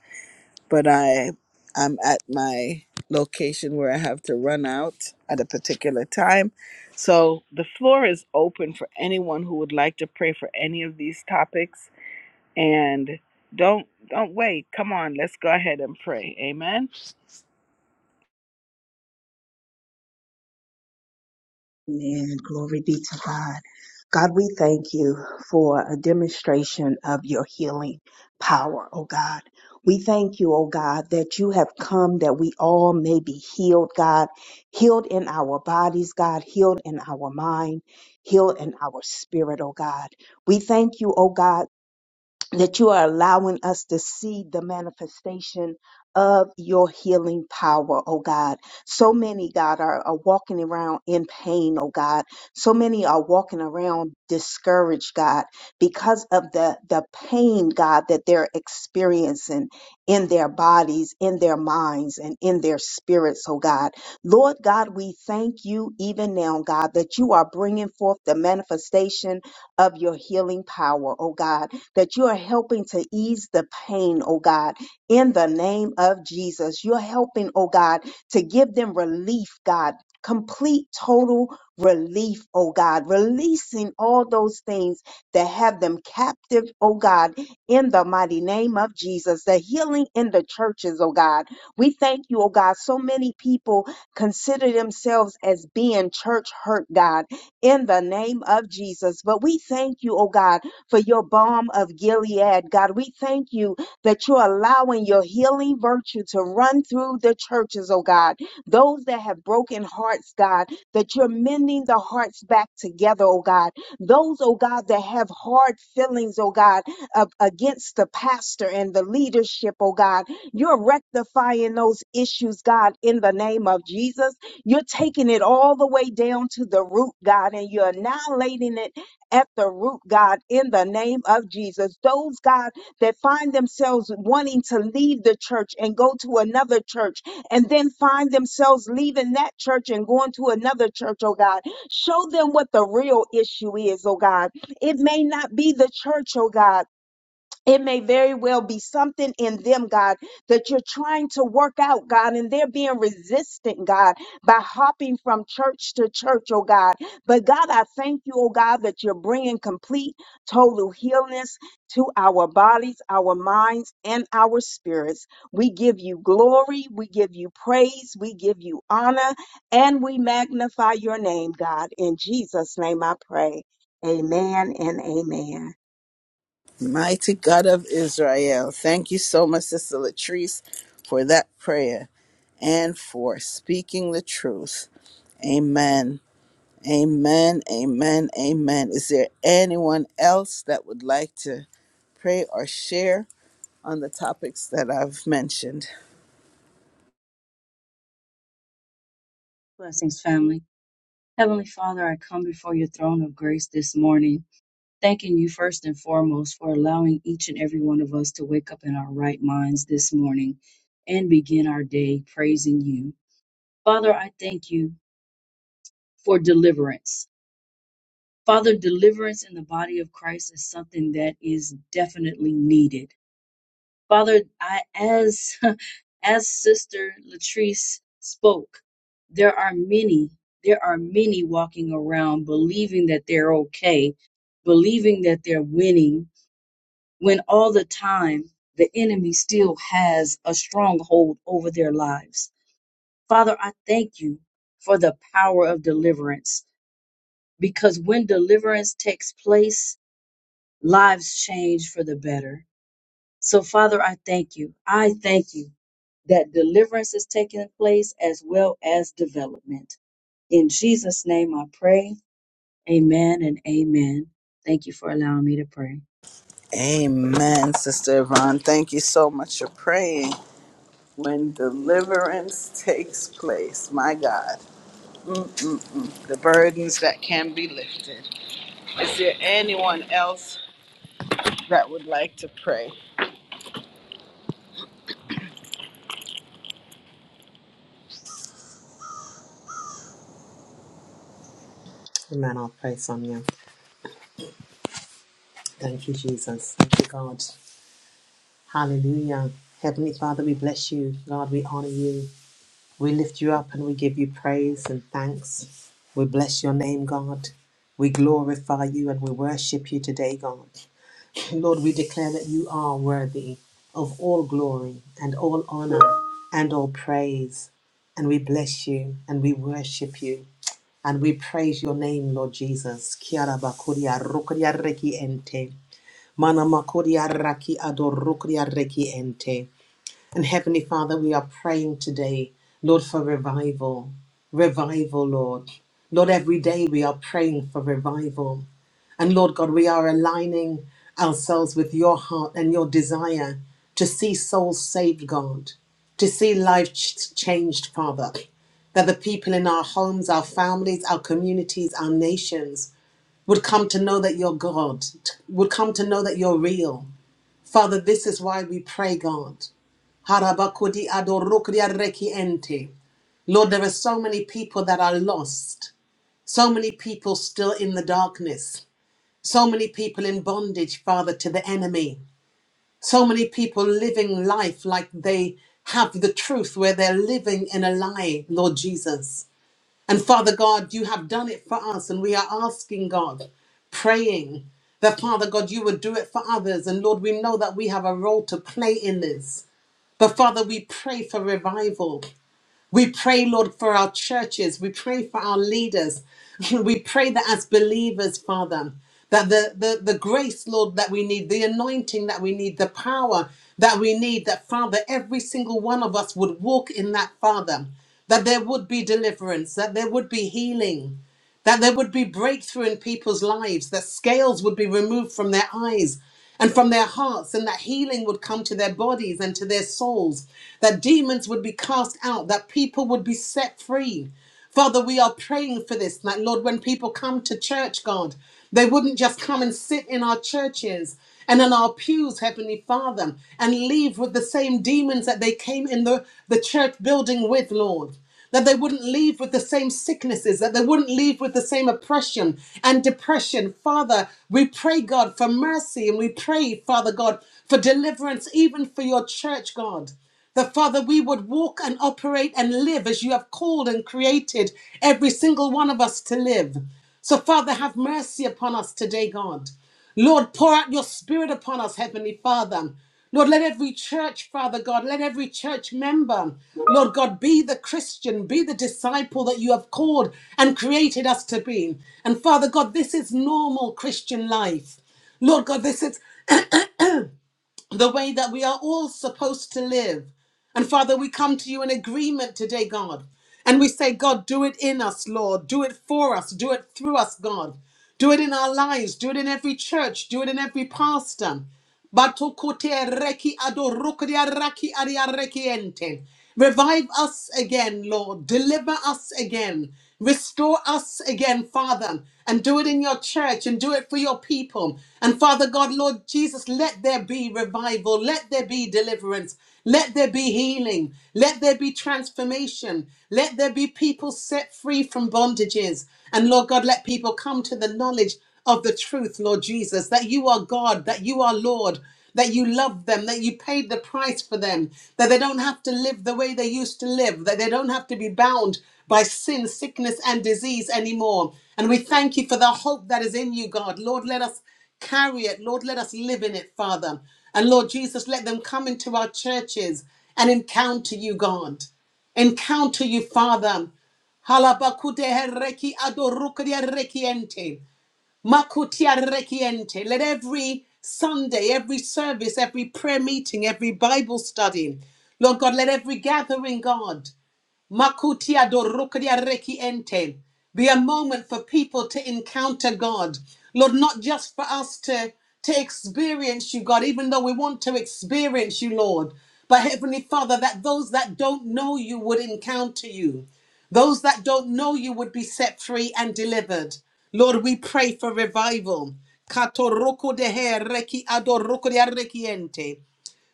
S1: but I I'm at my location where I have to run out at a particular time. So the floor is open for anyone who would like to pray for any of these topics. And don't don't wait. Come on, let's go ahead and pray. Amen.
S4: Amen. Glory be to God. God, we thank you for a demonstration of your healing power, oh God. We thank you, oh God, that you have come that we all may be healed, God, healed in our bodies, God, healed in our mind, healed in our spirit, oh God. We thank you, oh God that you are allowing us to see the manifestation of your healing power, oh God. So many, God, are, are walking around in pain, oh God. So many are walking around discouraged, God, because of the, the pain, God, that they're experiencing in their bodies, in their minds, and in their spirits, oh God. Lord God, we thank you even now, God, that you are bringing forth the manifestation of your healing power, oh God that you are helping to ease the pain, oh God, in the name of Jesus. You're helping, oh God, to give them relief, God. Complete total relief, oh God, releasing all those things that have them captive, oh God, in the mighty name of Jesus. The healing in the churches, oh God. We thank you, oh God. So many people consider themselves as being church hurt, God, in the name of Jesus. But we thank you, oh God for your balm of Gilead. God, we thank you that you're allowing your healing virtue to run through the churches, oh God. Those that have broken hearts, God, that you're mending the hearts back together, oh God. Those, oh God, that have hard feelings, oh God, of, against the pastor and the leadership, oh God. You're rectifying those issues, God, in the name of Jesus. You're taking it all the way down to the root, God, and you're annihilating it at the root, God, in the name of Jesus. Those, God, that find themselves wanting to leave the church and go to another church and then find themselves leaving that church and going to another church, oh God. Show them what the real issue is, oh God. It may not be the church, oh God. It may very well be something in them, God, that you're trying to work out, God, and they're being resistant, God, by hopping from church to church, oh God. But God, I thank you, oh God, that you're bringing complete, total healness to our bodies, our minds, and our spirits. We give you glory, we give you praise, we give you honor, and we magnify your name, God. In Jesus' name I pray. Amen and amen.
S1: Mighty God of Israel, thank you so much, Sister Latrice, for that prayer and for speaking the truth. Amen. Amen. Amen. Amen. Is there anyone else that would like to pray or share on the topics that I've mentioned?
S5: Blessings, family. Heavenly Father, I come before your throne of grace this morning, thanking you first and foremost for allowing each and every one of us to wake up in our right minds this morning and begin our day praising you. Father, I thank you for deliverance. Father, deliverance in the body of Christ is something that is definitely needed. Father, I, as as Sister Latrice spoke, there are many, there are many walking around believing that they're okay, believing that they're winning, when all the time the enemy still has a stronghold over their lives. Father, I thank you for the power of deliverance because when deliverance takes place, lives change for the better. So, Father, I thank you. I thank you that deliverance is taking place as well as development. In Jesus' name I pray. Amen and amen. Thank you for allowing me to pray.
S1: Amen, Sister Yvonne. Thank you so much for praying. When deliverance takes place, my God, the burdens that can be lifted. Is there anyone else that would like to pray.
S6: Amen. I'll pray some you. Thank you, Jesus. Thank you, God. Hallelujah. Heavenly Father, we bless you. God, we honor you. We lift you up and we give you praise and thanks. We bless your name, God. We glorify you and we worship you today, God. Lord, we declare that you are worthy of all glory and all honor and all praise. And we bless you and we worship you and we praise your name, Lord Jesus. Kia ra ba kuria, rukuria reki ente. Mana makodia raki adorukria reki ente. And Heavenly Father, we are praying today, Lord, for revival. Revival, Lord. Lord, every day we are praying for revival. And Lord God, we are aligning ourselves with your heart and your desire to see souls saved, God, to see life ch- changed, Father that the people in our homes, our families, our communities, our nations would come to know that you're God, t- would come to know that you're real, Father, this is why we pray, God. Harabakudi adorukria reki ente. Lord, there are so many people that are lost, so many people still in the darkness, so many people in bondage, Father, to the enemy, so many people living life like they have the truth where they're living in a lie, Lord Jesus. And Father God, you have done it for us, and we are asking God, praying that Father God, you would do it for others. And Lord, we know that we have a role to play in this. But Father, we pray for revival. We pray, Lord, for our churches. We pray for our leaders. We pray that as believers, Father, that the, the, the grace, Lord, that we need, the anointing that we need, the power that we need, that, Father, every single one of us would walk in that, Father, that there would be deliverance, that there would be healing, that there would be breakthrough in people's lives, that scales would be removed from their eyes and from their hearts, and that healing would come to their bodies and to their souls, that demons would be cast out, that people would be set free. Father, we are praying for this. That, Lord, when people come to church, God, they wouldn't just come and sit in our churches and in our pews, Heavenly Father, and leave with the same demons that they came in the, the church building with, Lord that they wouldn't leave with the same sicknesses, that they wouldn't leave with the same oppression and depression. Father, we pray, God, for mercy and we pray, Father God, for deliverance, even for your church, God. That Father, we would walk and operate and live as you have called and created every single one of us to live. So, Father, have mercy upon us today, God. Lord, pour out your spirit upon us, Heavenly Father. Lord, let every church, Father God, let every church member, Lord God, be the Christian, be the disciple that you have called and created us to be. And Father God, this is normal Christian life. Lord God, this is the way that we are all supposed to live. And Father, we come to you in agreement today, God. And we say, God, do it in us, Lord. Do it for us. Do it through us, God. Do it in our lives. Do it in every church. Do it in every pastor. Batokote reki adorokria raki aria rekiente. Revive us again, Lord. Deliver us again. Restore us again, Father, and do it in your church and do it for your people. And Father God, Lord Jesus, let there be revival. Let there be deliverance. Let there be healing. Let there be transformation. Let there be people set free from bondages. And Lord God, let people come to the knowledge of the truth, Lord Jesus, that you are God, that you are Lord, that you love them, that you paid the price for them, that they don't have to live the way they used to live, that they don't have to be bound by sin, sickness, and disease anymore. And we thank you for the hope that is in you, God. Lord, let us carry it. Lord, let us live in it, Father. And Lord Jesus, let them come into our churches and encounter you, God. Encounter you, Father. Halabakudehereki adorukudeherekiente. Makutia rekiente. Let every Sunday, every service, every prayer meeting, every Bible study, Lord God, let every gathering, God, Makutia do reki ente. Be a moment for people to encounter God. Lord, not just for us to, to experience you, God, even though we want to experience you, Lord. But Heavenly Father, that those that don't know you would encounter you. Those that don't know you would be set free and delivered. Lord, we pray for revival. Kato roko reki ado de arreki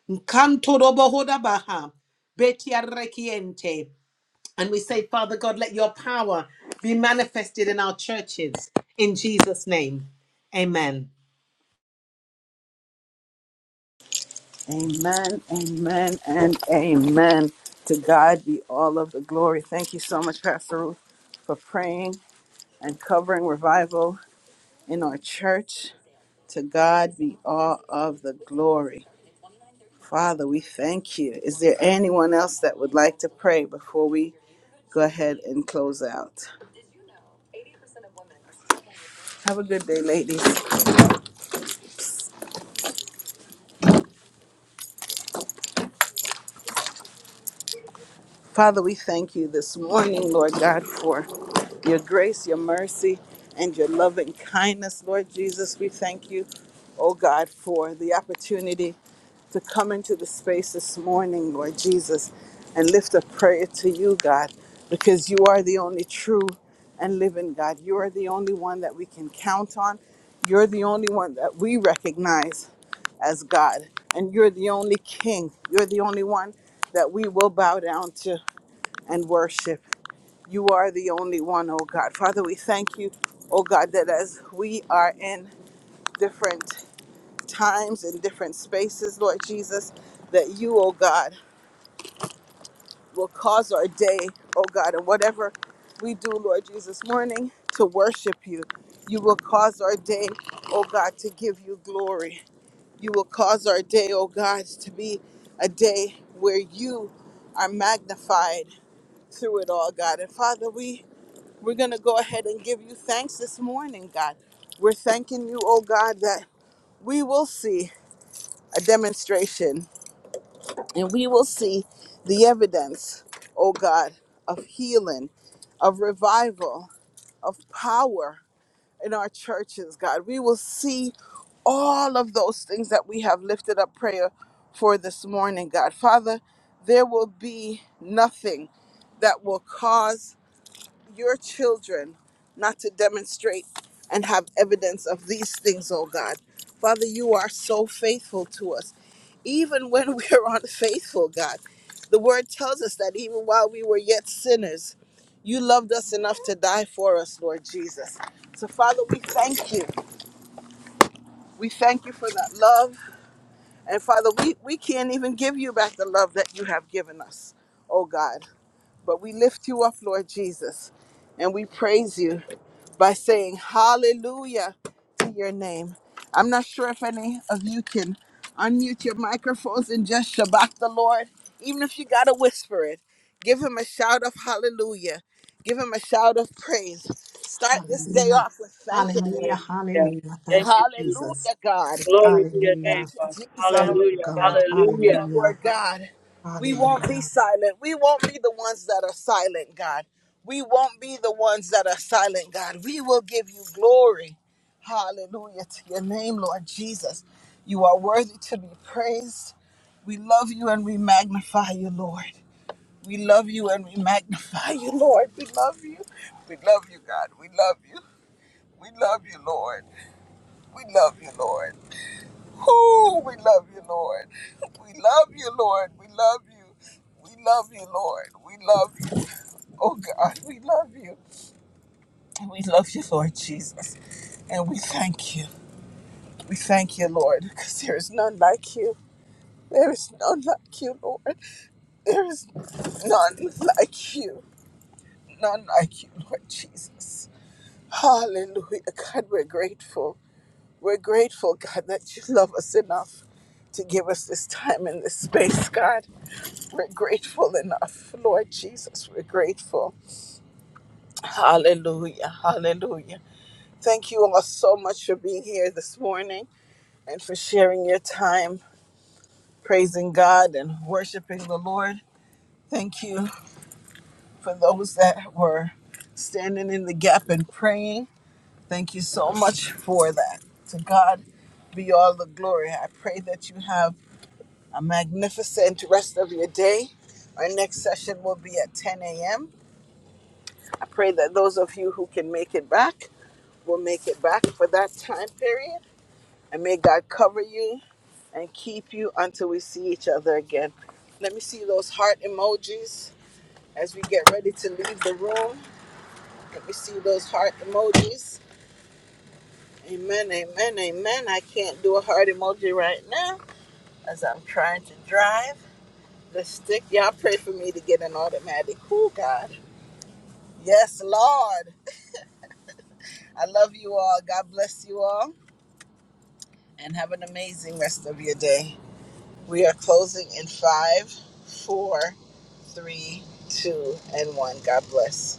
S6: Nkanto robo baha. Beti arreki and we say, Father God, let your power be manifested in our churches. In Jesus' name, amen.
S1: Amen, amen, and amen. To God be all of the glory. Thank you so much, Pastor Ruth, for praying and covering revival in our church. To God be all of the glory. Father, we thank you. Is there anyone else that would like to pray before we go ahead and close out? Have a good day, ladies. Father, we thank you this morning, Lord God, for your grace, your mercy, and your loving kindness, Lord Jesus. We thank you, oh God, for the opportunity to come into the space this morning, Lord Jesus, and lift a prayer to you, God, because you are the only true and living God. You are the only one that we can count on. You're the only one that we recognize as God. And you're the only King. You're the only one that we will bow down to and worship. You are the only one, oh God. Father, we thank you, oh God, that as we are in different times and different spaces, Lord Jesus, that you, oh God, will cause our day, oh God, and whatever we do, Lord Jesus, morning to worship you. You will cause our day, oh God, to give you glory. You will cause our day, oh God, to be a day where you are magnified through it all, God. And Father, we We're going to go ahead and give you thanks this morning, God. We're thanking you, oh God, that we will see a demonstration and we will see the evidence, oh God, of healing, of revival, of power in our churches, God. We will see all of those things that we have lifted up prayer for this morning, God. Father, there will be nothing that will cause your children not to demonstrate and have evidence of these things, oh God. Father, you are so faithful to us. Even when we are unfaithful, God, the word tells us that even while we were yet sinners, you loved us enough to die for us, Lord Jesus. So, Father, we thank you. We thank you for that love. And, Father, we, we can't even give you back the love that you have given us, oh God. But we lift you up, Lord Jesus, and we praise you by saying hallelujah to your name. I'm not sure if any of you can unmute your microphones and just shabak the Lord, even if you got to whisper it. Give him a shout of hallelujah. Give him a shout of praise. Start this day
S6: Hallelujah.
S1: off with thanking
S5: Hallelujah.
S6: Hallelujah. Hallelujah.
S1: him.
S6: Thank
S5: Thank
S6: you,
S5: you, Jesus.
S6: Jesus.
S1: Hallelujah, God.
S5: Glory to your name,
S6: Hallelujah.
S1: Thank
S5: Father.
S1: you, Jesus
S7: Hello.
S6: Thank you,
S5: Hallelujah.
S6: God.
S1: you,
S5: Hallelujah.
S6: Hallelujah.
S1: Lord God. We won't be
S6: Hallelujah.
S1: silent. We won't be the ones that are silent, God. We won't be the ones that are silent, God. We will give you glory. Hallelujah to your name, Lord Jesus. You are worthy to be praised. We love you and we magnify you, Lord. We love you and we magnify you, Lord. We love you. We love you, God. We love you. We love you, Lord. We love you, Lord. Whoo, we love you, Lord. We love you, Lord. We love you. We love you, Lord. We love you. Oh God, we love you. And we love you, Lord Jesus. And we thank you. We thank you, Lord, because there is none like you. There is none like you, Lord. There is none like you. None like you, Lord Jesus. Hallelujah. God, we're grateful. We're grateful, God, that you love us enough to give us this time in this space, God. We're grateful enough. Lord Jesus, we're grateful. Hallelujah. Hallelujah. Thank you all so much for being here this morning and for sharing your time praising God and worshiping the Lord. Thank you for those that were standing in the gap and praying. Thank you so much for that. To God be all the glory. I pray that you have a magnificent rest of your day. Our next session will be at 10 a.m. I pray that those of you who can make it back will make it back for that time period. And may God cover you and keep you until we see each other again. Let me see those heart emojis as we get ready to leave the room. Let me see those heart emojis. Amen, amen, amen. I can't do a heart emoji right now as I'm trying to drive the stick. Y'all pray for me to get an automatic. Oh, God. Yes, Lord. I love you all. God bless you all. and have an amazing rest of your day. We are closing in five, four, three, two, and one. God bless.